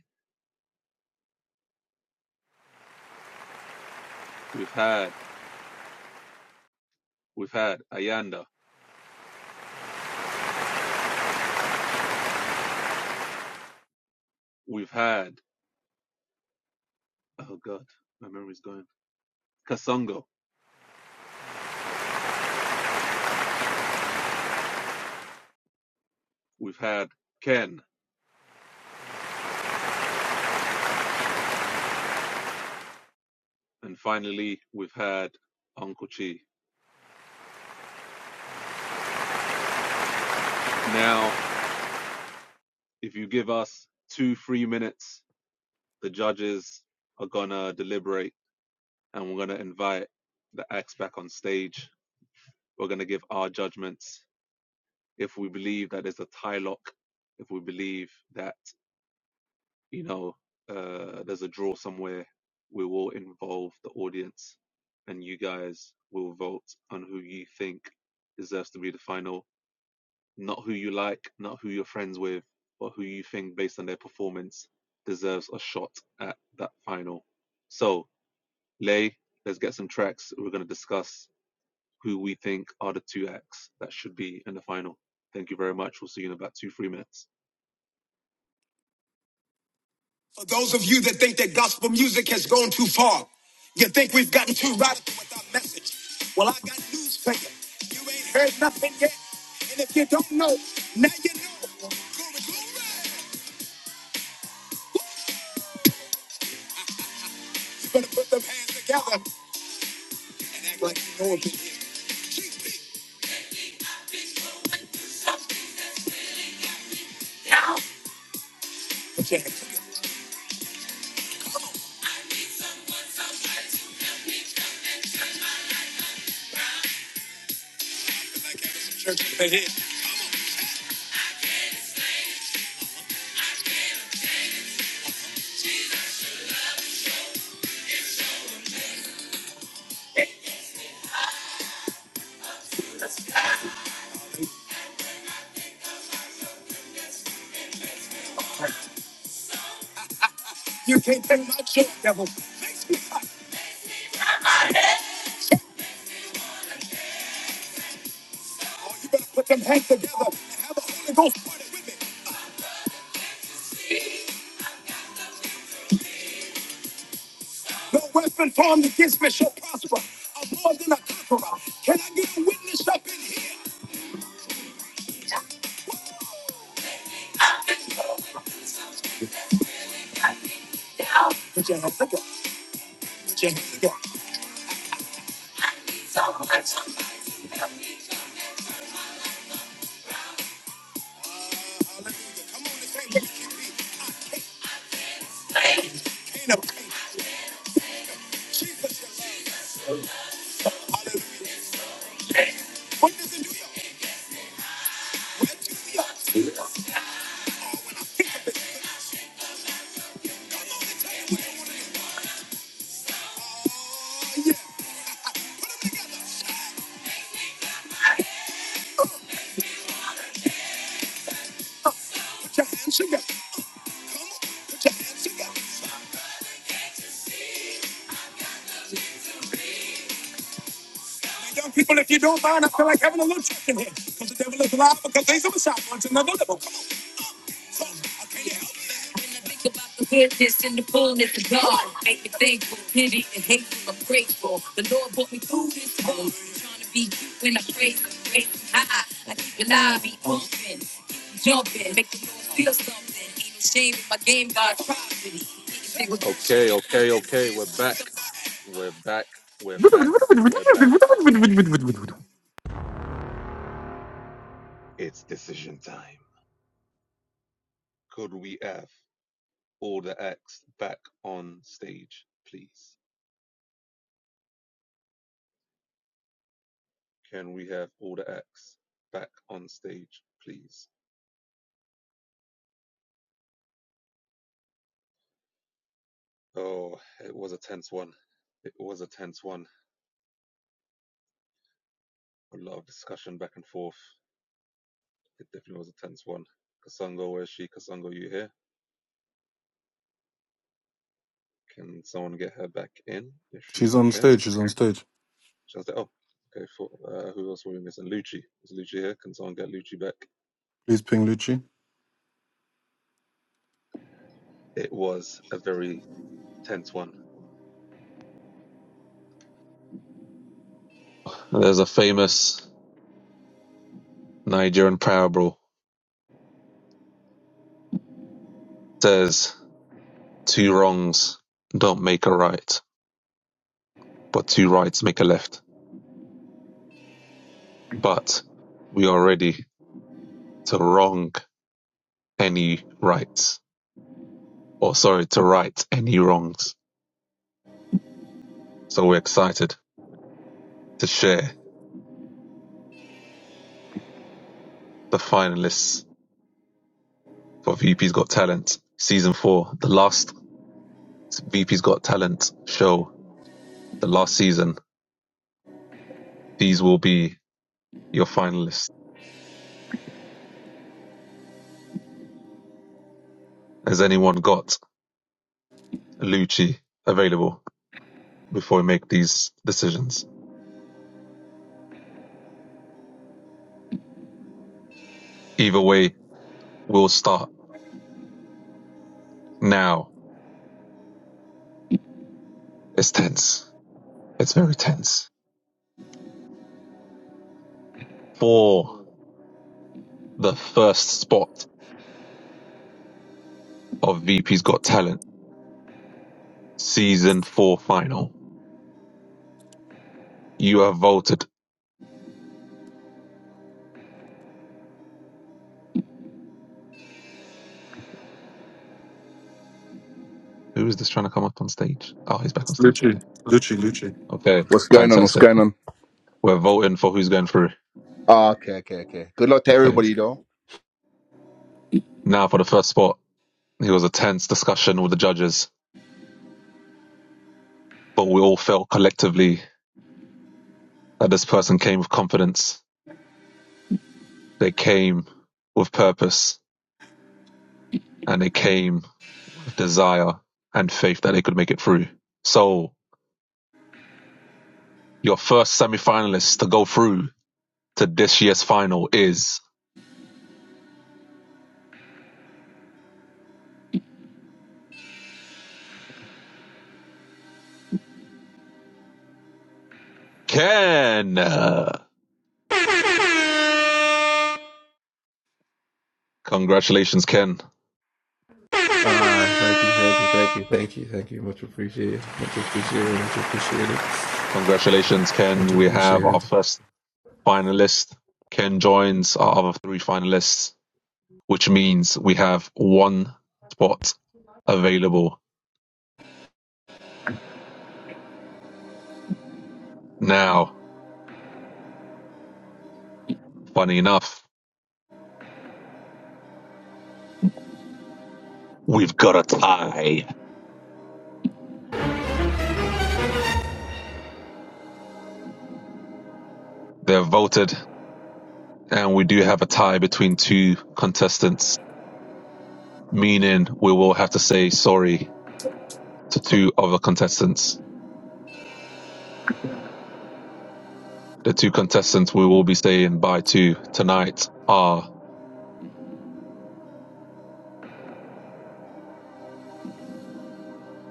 D: We've had, we've had Ayanda. We've had, oh God, my memory's going. Kasongo. We've had Ken. And finally, we've had Uncle Chi. Now, if you give us two, three minutes, the judges are gonna deliberate and we're gonna invite the acts back on stage. We're gonna give our judgments if we believe that there's a tie lock, if we believe that, you know, uh, there's a draw somewhere, we will involve the audience and you guys will vote on who you think deserves to be the final. Not who you like, not who you're friends with, but who you think, based on their performance, deserves a shot at that final. So, Lay, let's get some tracks. We're going to discuss who we think are the two acts that should be in the final. Thank you very much. We'll see you in about two, three minutes.
A: Think about the goodness and the fullness of God. Make me thankful, pity, and hateful. I'm grateful. The Lord brought me through this hole. Trying to be you when I praise Him, praise Him high. I keep an eye, be open, jumping, make the Lord feel something. Ain't no shame in my game, God's property. Anything with virtue.
D: Okay, okay, okay. We're back. We're back. We're back. We're back. It's decision time. Could we have all the acts back on stage, please? Can we have all the acts back on stage, please? Oh, it was a tense one. It was a tense one. A lot of discussion back and forth. It definitely was a tense one. Kasongo, where's she? Kasongo, you here? Can someone get her back in if she's
A: She's
D: not
A: on
D: here?
A: stage. She's on stage.
D: So I was like, oh, okay, for, uh, who else were we missing? Lucci. Is Lucci here? Can someone get Lucci back?
A: Please ping Lucci.
D: It was a very tense one. There's a famous Nigerian parable It says two wrongs don't make a right, but two rights make a left. But we are the to wrong any rights, or sorry, to right any wrongs. So excited to share the finalists for VP's Got Talent season four, the last VP's Got Talent show, the last season. These will be your finalists. Has anyone got Lucci available before we make these decisions? Either way, we'll start now. It's tense. It's very tense. For the first spot of VP's Got Talent, season four final. You have voted. Who is this trying to come up on stage? Oh, he's back on stage.
A: Lucci.
D: Okay.
A: Lucci. Lucci.
D: Okay.
F: What's going on? What's
D: Fantastic.
F: going on?
D: We're voting for who's going through.
F: Ah, okay, okay, okay. Good luck to
D: Okay.
F: everybody, though.
D: Now for the first spot. It was a tense discussion with the judges. but we all felt collectively that this person came with confidence. They came with purpose and they came with desire and faith that they could make it through. So your first semi-finalist to go through to this year's final is Ken. Uh, Congratulations, Ken.
E: Ah, thank you, thank you, thank you, thank you, thank you. Much appreciated, much appreciated, much appreciated,
D: Congratulations,
E: much
D: Ken. We have our
E: appreciated.
D: first finalist. Ken joins our other three finalists, which means we have one spot available now. Funny enough, we've got a tie. They're voted, and we do have a tie between two contestants, meaning we will have to say sorry to two other contestants. The two contestants we will be saying bye to tonight are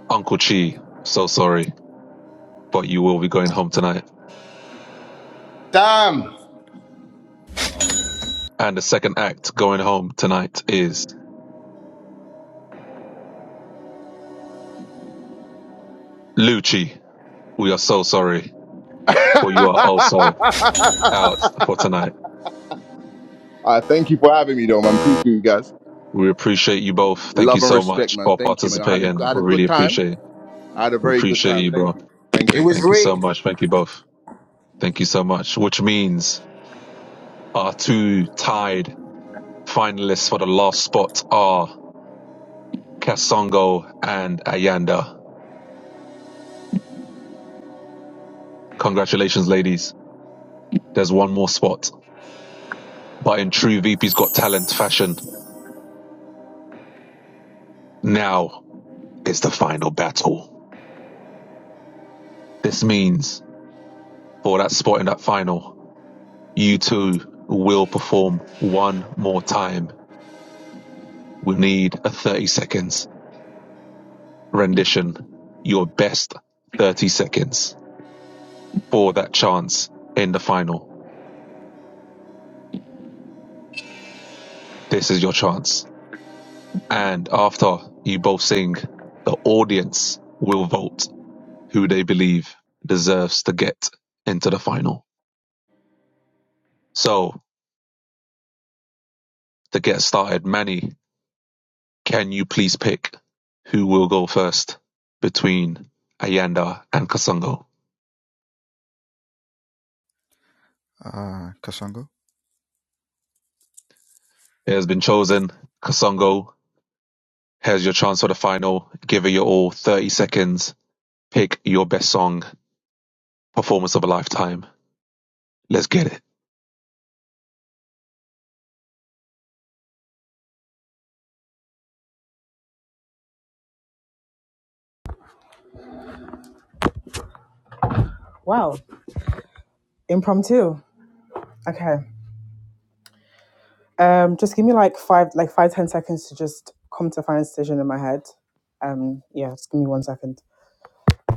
D: Uncle Chi, so sorry, but you will be going home tonight.
I: Damn,
D: And the second act going home tonight is Lucci. We are so sorry, but you
F: uh,
D: are also out for tonight.
F: thank you for having me, though, man. Appreciate you guys.
D: We appreciate you both. Thank you
F: Love and
D: so
F: respect,
D: much
F: man.
D: for
F: Thank you, man. I had a,
D: participating.
F: I had
D: We
F: a
D: really
F: good time.
D: appreciate it.
F: I had a
D: We
F: very good
D: appreciate
F: time.
D: you,
F: Thank
D: bro.
F: you. Thank
I: it
F: you.
I: was
D: Thank you so
I: rigged.
D: much. Thank you both. Thank you so much. Which means our two tied finalists for the last spot are Kasongo and Ayanda. Congratulations, ladies. There's one more spot. But in true VP's Got Talent fashion, now is the final battle. This means for that spot in that final, you two will perform one more time We need a 30 seconds rendition, your best 30 seconds for that chance in the final. This is your chance. And after you both sing, the audience will vote who they believe deserves to get into the final. So to get started, Manny, can you please pick who will go first between Ayanda and Kasongo?
J: Uh, Kasongo.
D: It has been chosen. Kasongo Here's your chance for the final. Give it your all. 30 seconds. Pick your best song, performance of a lifetime. Let's get it.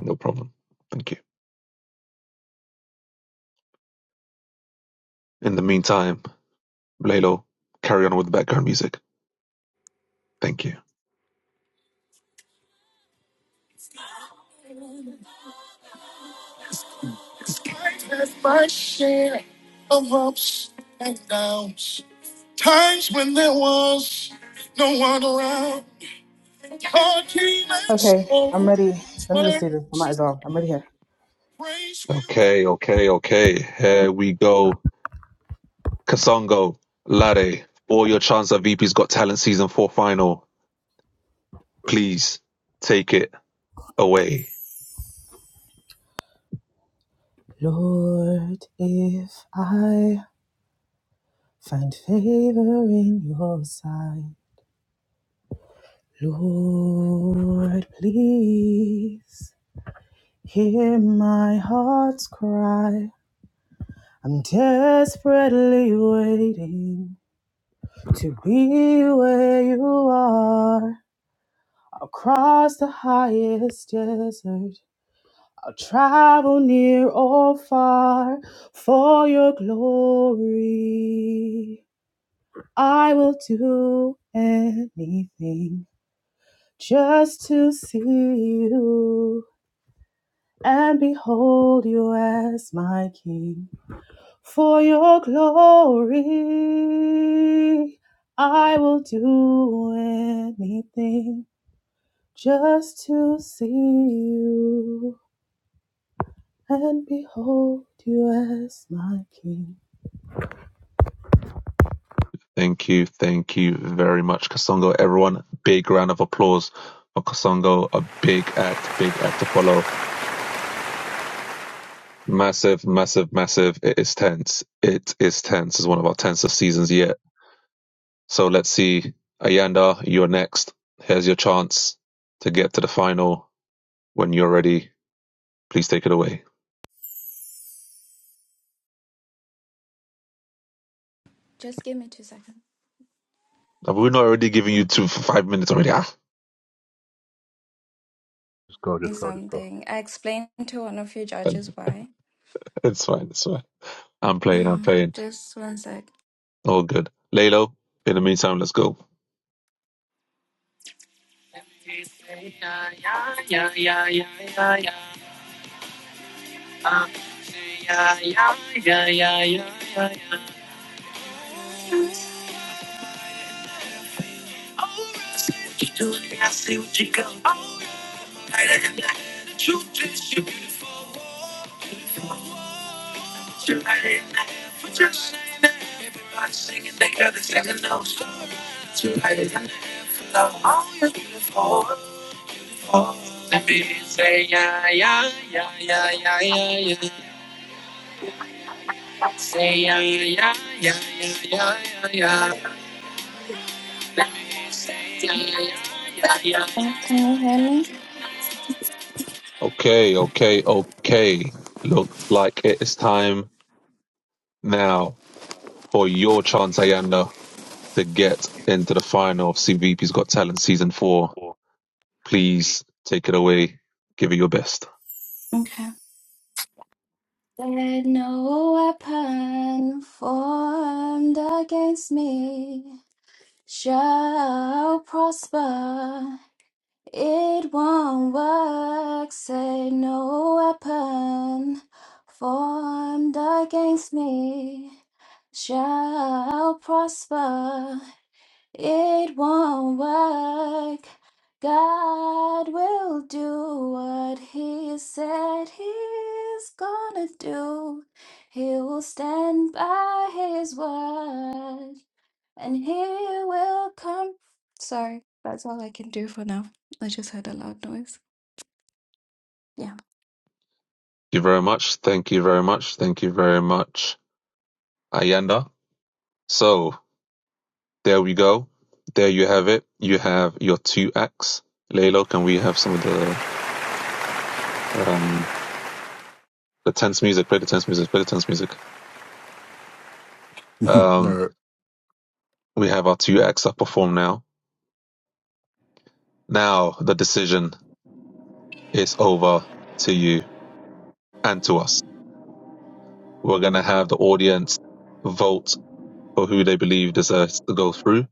D: No problem. Thank you. In the meantime, Laylo, carry on with the background music. Thank you.
H: Okay, I'm ready. Let me just see this. I might as well. I'm ready here.
D: Okay, okay, okay. Here we go. Kasongo, Lade, all your chance at VP's Got Talent Season 4 final. Please take it away.
H: Lord, if I find favor in your sight, Lord, please hear my heart's cry. I'm desperately waiting to be where you are across the highest desert. I'll travel near or far for your glory. I will do anything just to see you and behold you as my king. For your glory, I will do anything just to see you and behold you as my king.
D: Thank you. Thank you very much, Kasongo. Everyone, big round of applause for Kasongo. A big act, big act to follow. Massive, massive, massive. It is tense. It is tense. It's one of our tensest seasons yet. So let's see. Ayanda, you're next. Here's your chance to get to the final. When you're ready, please take it away.
G: Just give me two seconds.
D: We're not already giving you two for five minutes already. Ah,
F: Just go, just go, just go.
G: Something. I explained to one of your judges why.
D: it's fine. It's fine. I'm playing. I'm
G: Uh,
D: playing.
G: just one sec.
D: All good. Lalo, in the meantime, let's go.
A: Yeah, I see what you do, and I see what you go. I'm better than that. The truth is, you're beautiful. All right.
G: Oh, Can you hear me?
D: Okay, okay, okay. Look like it's time now for your chance, Ayanda, to get into the final of CVP's Got Talent Season 4. Please take it away. Give it your best.
G: Okay. Let no weapon formed against me shall prosper. It won't work. Say no weapon formed against me shall prosper. It won't work. God will do what He said He's gonna do. He will stand by His word and He will come. Sorry, that's all I can do for now. I just heard a loud noise. Yeah.
D: Thank you very much. Thank you very much. Thank you very much, Ayanda. So there we go. There you have it. You have your two acts. Laylo, can we have some of the um the tense music? Play the tense music. Play the tense music. Um, we have our two acts up perform now. Now the decision. it's over to you and to us. We're going to have the audience vote for who they believe deserves to go through,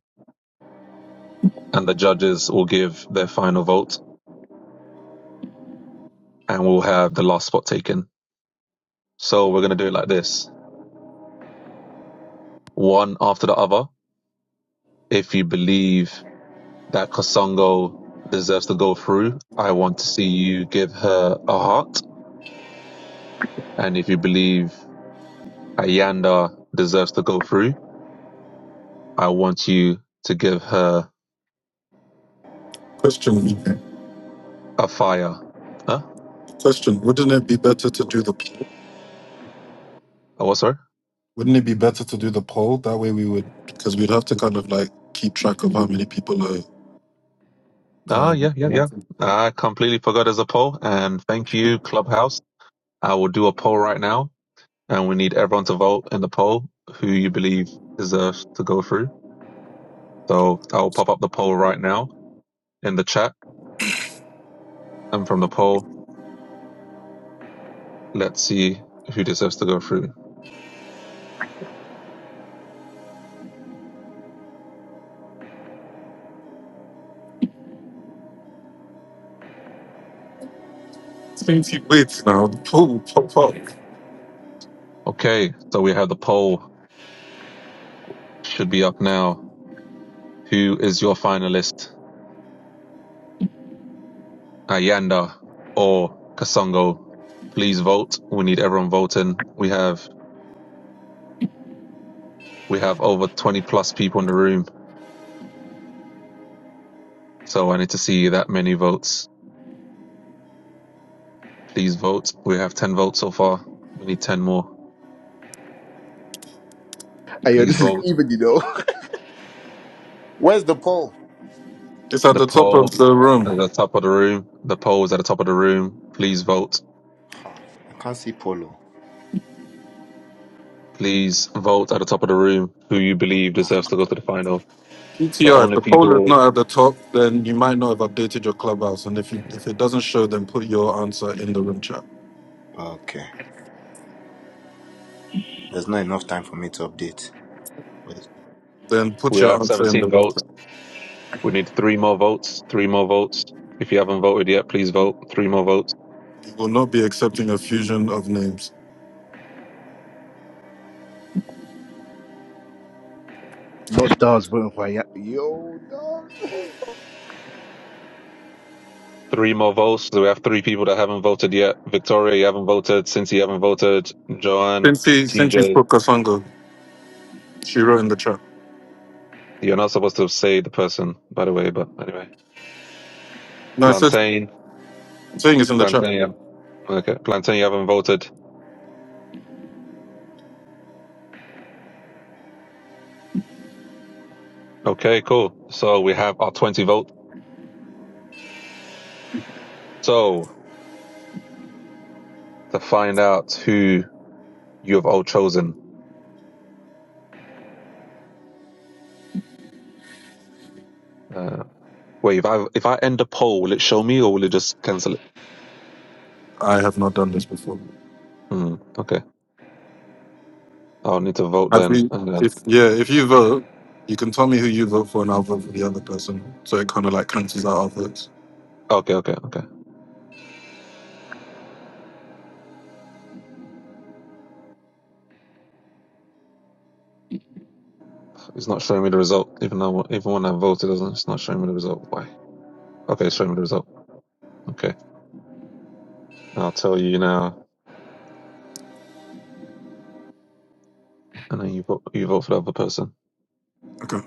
D: and the judges will give their final vote, and we'll have the last spot taken. So we're going to do it like this one after the other. If you believe that Kosongo deserves to go through, I want to see you give her a heart. And if you believe Ayanda deserves to go through, I want you to give her
A: Question.
D: a fire. Huh?
A: Question. Wouldn't it be better to do the poll?
D: A what, sorry?
A: Wouldn't it be better to do the poll? That way we would, because we'd have to kind of like keep track of how many people are.
D: Ah, yeah,
A: Um,
D: yeah, yeah. I completely forgot as a poll, and thank you, Clubhouse. I will do a poll right now, and we need everyone to vote in the poll who you believe deserves to go through. So I will pop up the poll right now in the chat, and from the poll, let's see who deserves to go through.
A: top.
D: Okay, so we have the poll should be up now. Who is your finalist, Ayanda or Kasongo? Please vote. We need everyone voting. We have we have over twenty plus people in the room, so I need to see that many votes. Please vote. We have ten votes so far. We need ten more.
F: Hey, yo,
D: Please
F: this is
D: vote.
F: even, you know.
I: Where's the poll?
A: It's at
D: The
A: the top of
D: poll
A: the
D: at
A: room.
D: the top of the room. The poll is at the top of the room. Please vote.
I: Ha, I can't see polo.
D: Please vote at the top of the room. Who you believe deserves to go to the final? The
A: PTR. If
D: only
A: the poll is
D: people
A: not at the top, then you might not have updated your clubhouse. And if you, if it doesn't show, then put your answer in the room chat.
I: Okay. There's not enough time for me to update.
A: Then put
D: We
A: your
D: have
A: answer in the
D: 17
A: room.
D: votes.
A: chat.
D: We need three more votes. Three more votes. If you haven't voted yet, please vote. Three more votes.
A: We will not be accepting a fusion of names.
F: Not Daz voting for a Yap. yo, Dobbs.
D: Three more votes. So we have three people that haven't voted yet. Victoria, you haven't voted. Cincy, you haven't voted. Joanne,
A: Cincy, Cincy
D: TJ,
A: put Kasongo. She wrote in the chat.
D: you're not supposed to say the person, by the way, but anyway.
A: No, I said,
D: Plantain,
A: saying it's in the chat.
D: Plantain, yeah. okay. Plantain, you haven't voted. Okay, cool. So we have our 20 votes. So to find out who you have all chosen, uh, wait, if I, if I end the poll, will it show me or will it just cancel it?
A: I have not done this before.
D: Mm, okay. I'll need to vote
A: Have
D: then.
A: we?
D: And then
A: If yeah, if you vote, you can tell me who you vote for, and I'll vote for the other person. So it kind of like cancels out our votes.
D: okay, okay, okay. It's not showing me the result. Even though even when I voted, it doesn't- it's not showing me the result. Why? Okay, it's showing me the result. Okay. I'll tell you now, and then you vote. You vote for the other person.
A: Okay.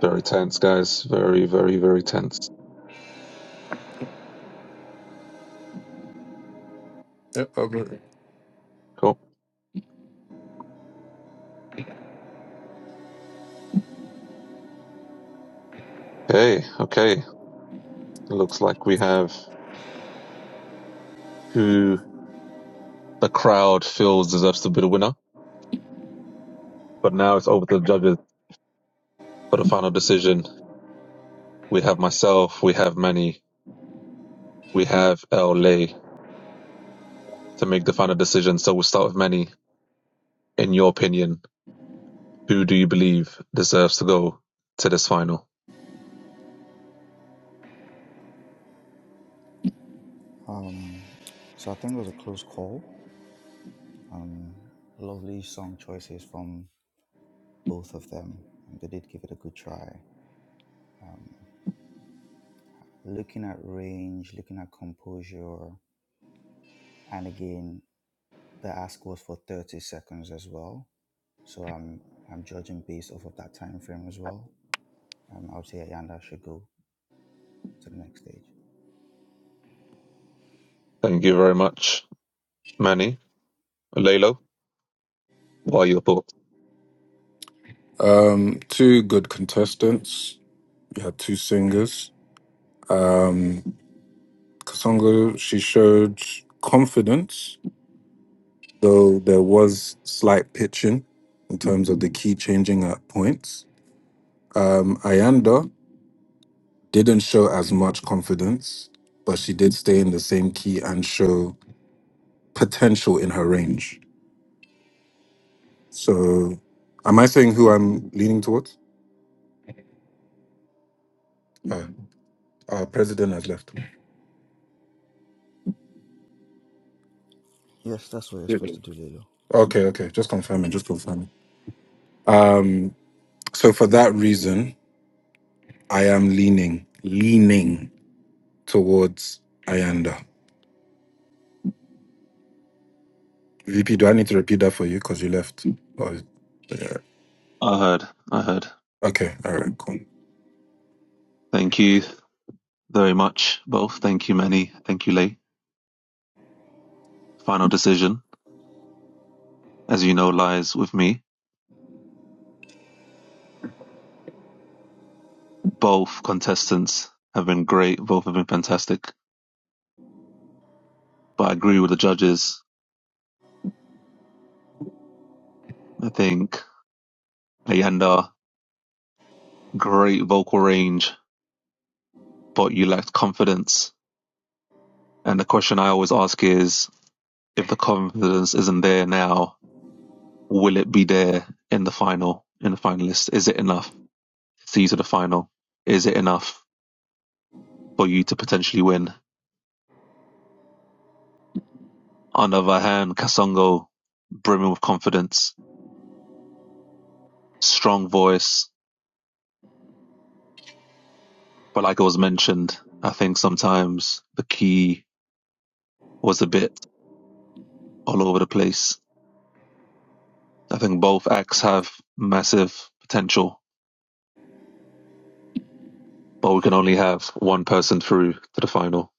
D: Very tense, guys. Very, very, very tense.
A: Yep, I'll vote.
D: Cool. Okay, okay. Looks like we have who the crowd feels deserves to be the winner. But now it's over to the judges for the final decision. We have myself. We have Manny. We have L. Lay to make the final decision. So we'll start with Manny. In your opinion, who do you believe deserves to go to this final?
J: Um, so I think it was a close call. Um, lovely song choices from both of them. Um, they did give it a good try. Um, looking at range, looking at composure, and again, the ask was for 30 seconds as well. So I'm I'm judging based off of that time frame as well. Um, I would say Ayanda should go to the next stage.
D: Thank you very much, Manny. Lalo, what are your thoughts?
A: Um, two good contestants. You had two singers. Kasongo, she showed confidence, though there was slight pitching in terms of the key changing at points. Um, Ayanda, Didn't show as much confidence, but she did stay in the same key and show potential in her range. So, am I saying who I'm leaning towards? Uh, our president has left.
J: Yes, that's what you're supposed
A: Okay,
J: to do, Lilo.
A: okay. Just confirming, just confirming. Um, so for that reason, I am leaning, leaning towards Ayanda. VP, do I need to repeat that for you? Because you left. Oh, yeah.
D: I heard. I heard.
A: Okay, all right, cool.
D: Thank you very much, both. Thank you, Manny. Thank you, Lay. Final decision, as you know, lies with me. Both contestants have been great. Both have been fantastic. But I agree with the judges. I think Ayanda great vocal range, but you lacked confidence. And the question I always ask is, if the confidence isn't there now, will it be there in the final, in the finalists? Is it enough to see you to the final? Is it enough for you to potentially win? On the other hand, Kasongo, brimming with confidence, strong voice, but like it was mentioned, I think sometimes the key was a bit all over the place. I think both acts have massive potential but we can only have one person through to the final.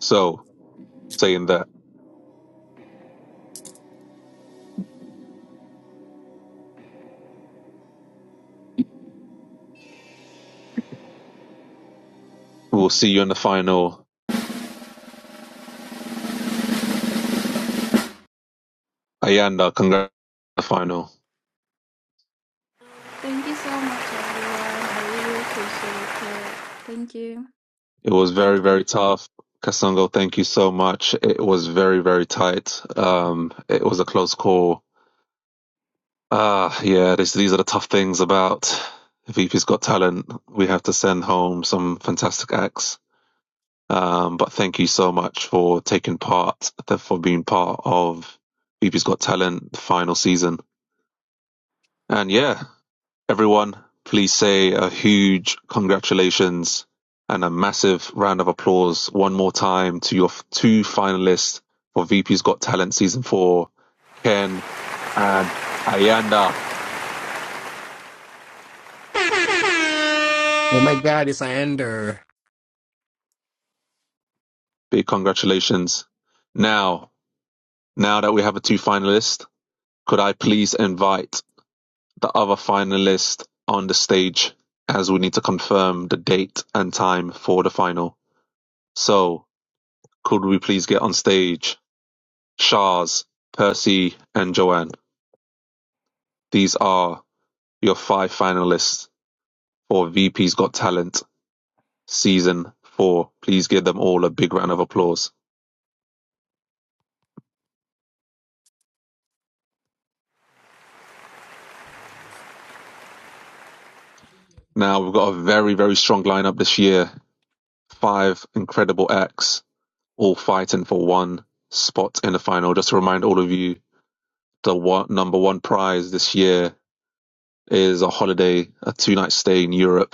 D: So, saying that, we'll see you in the final. Ayanda, congrats on the final.
G: Thank you so much, everyone. I really appreciate it. Thank you.
D: It was very,
G: Thank
D: very
G: you.
D: tough. Kasango, thank you so much. It was very, very tight. Um, it was a close call. Ah, uh, yeah, this, these are the tough things about VP's Got Talent. We have to send home some fantastic acts. Um, but thank you so much for taking part, for being part of VP's Got Talent final season. And yeah, Everyone, please say a huge congratulations and a massive round of applause one more time to your two finalists for VP's Got Talent Season 4, Ken and Ayanda.
K: Oh my God, it's Andrew.
D: Big congratulations. Now, now that we have a two finalist, could I please invite the other finalist on the stage as we need to confirm the date and time for the final. So, could we please get on stage? Shahz, Percy and Joanne, these are your five finalists for VP's Got Talent season four. Please give them all a big round of applause. Now we've got a very, very strong lineup this year. Five incredible acts, all fighting for one spot in the final. Just to remind all of you, the one, number one prize this year is a holiday, a two night stay in Europe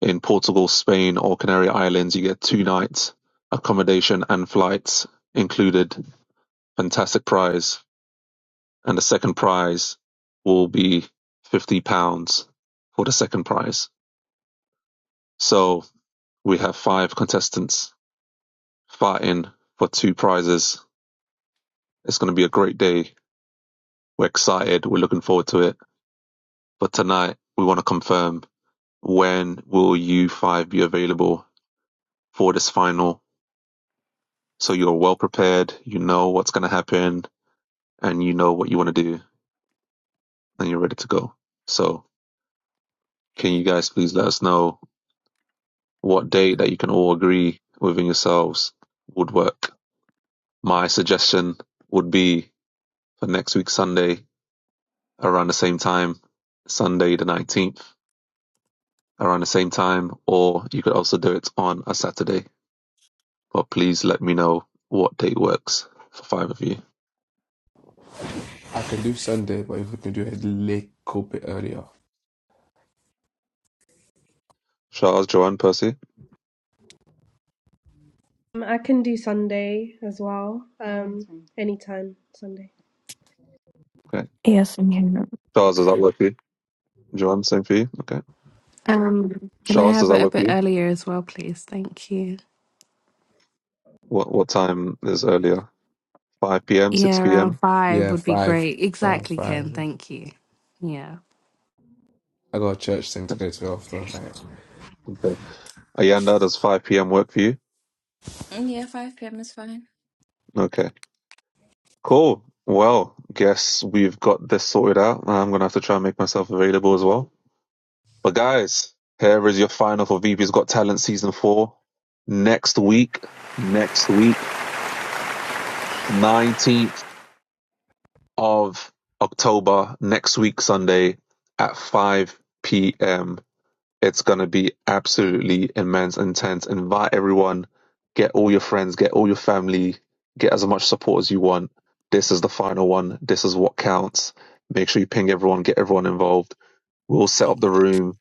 D: In Portugal, Spain or Canary Islands you get two nights, accommodation and flights included, fantastic prize, and the second prize will be £50 for the second prize. So we have five contestants fighting for two prizes. It's going to be a great day. We're excited. We're looking forward to it. But tonight we want to confirm when will you five be available for this final? So you're well prepared. You know what's going to happen and you know what you want to do and you're ready to go. So can you guys please let us know what date that you can all agree within yourselves would work? My suggestion would be for next week Sunday around the same time, Sunday the 19th around the same time, or you could also do it on a Saturday. But please let me know what date works for five of you.
E: I can do Sunday, but if we can do it a little bit earlier,
D: Charles, Joanne, Percy.
L: Um, I can do Sunday as well. Oh, Um, anytime Sunday.
D: Okay.
M: Yes, ma'am.
D: Charles, does that work for you? Joanne, same for you? Okay.
N: Um, can I
D: Charles, does
N: have
D: that
N: it a
D: work for
N: bit
D: you?
N: earlier as well, please? Thank you.
D: What what time is earlier? 5 p.m., 6
N: Yeah, around
D: p.m.
N: five
E: yeah,
N: would be
E: five,
N: great.
E: uh,
N: Exactly,
E: five.
N: Ken. Thank you. Yeah.
E: I got a church thing to go to after. Like,
D: Okay. Ayanda, does 5 p.m. work for you?
G: Mm, Yeah, 5 p.m. is fine.
D: Okay. Cool. Well, guess we've got this sorted out. I'm going to have to try and make myself available as well. But guys, here is your final for VP's Got Talent Season 4. Next week, next week, 19th of October, next week, Sunday at 5 p.m. It's gonna be absolutely immense, intense. Invite everyone, get all your friends, get all your family, get as much support as you want. This is the final one. This is what counts. Make sure you ping everyone, get everyone involved. We'll set up the room.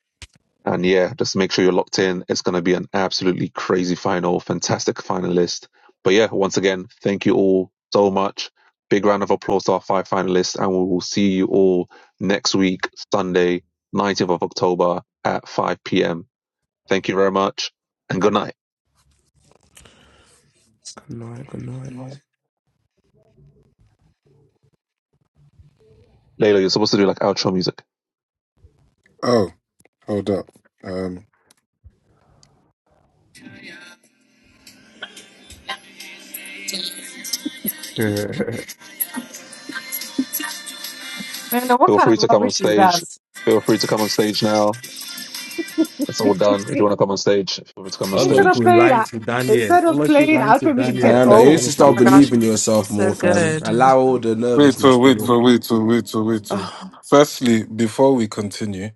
D: And yeah, just make sure you're locked in. It's going to be an absolutely crazy final, fantastic finalist. But yeah, once again, thank you all so much. Big round of applause to our five finalists, and we will see you all next week, Sunday, 19th of October at 5 p.m. Thank you very much, and good night.
E: Good night, good night.
D: Layla, you're supposed to do like outro music.
A: Oh, hold up.
O: Nana, what
D: Feel
O: kind
D: free
O: of
D: to come on
O: rubbish is that?
D: stage. Feel free to come on stage now. It's all done. If you want to come on stage, feel free to come on
P: Allah
O: Instead
D: stage.
O: of
P: will
O: playing,
P: lie
O: uh,
P: to Daniel.
O: instead of
P: Allah will
O: playing
P: lie to
O: outro music,
P: Daniel.
O: said,
P: God
E: Ayanda,
P: will
E: you need
O: "Oh,
E: to
P: punish the
Q: Oh
E: start
Q: my
P: people. oh.
Q: gosh, guys,
E: believing
Q: that was
E: yourself
Q: so
E: more, fam.
Q: good.
E: Allow all the
A: Wait, oh,
E: nervousness.
A: wait,
E: bro.
A: oh, wait, oh, wait, oh, wait. oh.
Q: Oh,
A: Firstly, before we continue,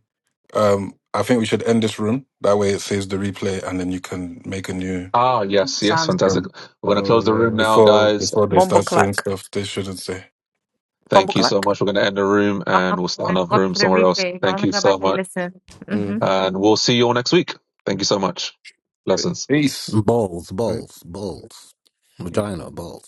A: um, I think we should end this room. That way, it saves the replay, and then you can make a new
D: Ah, yes, yes,
O: sounds good."
D: fantastic.
A: room
D: We're going to
E: Oh
D: close the room
E: yeah.
D: now,
A: before
D: guys.
A: before they
Q: bumble
A: start saying
Q: clack,
A: stuff they shouldn't say.
Q: bumble
D: Thank you
Q: clack.
D: so much. We're going to end the room
R: Oh,
D: and we'll start
R: thank
D: another
R: God
D: room
R: for the
D: somewhere else.
R: replays. I
D: Thank
R: want to
D: you
R: go
D: so
R: back and
D: much.
R: listen. hmm
D: And we'll see you all next week. Thank you so much. Blessings.
E: Mm-hmm.
A: Peace.
S: Balls, balls, balls. Vagina, balls.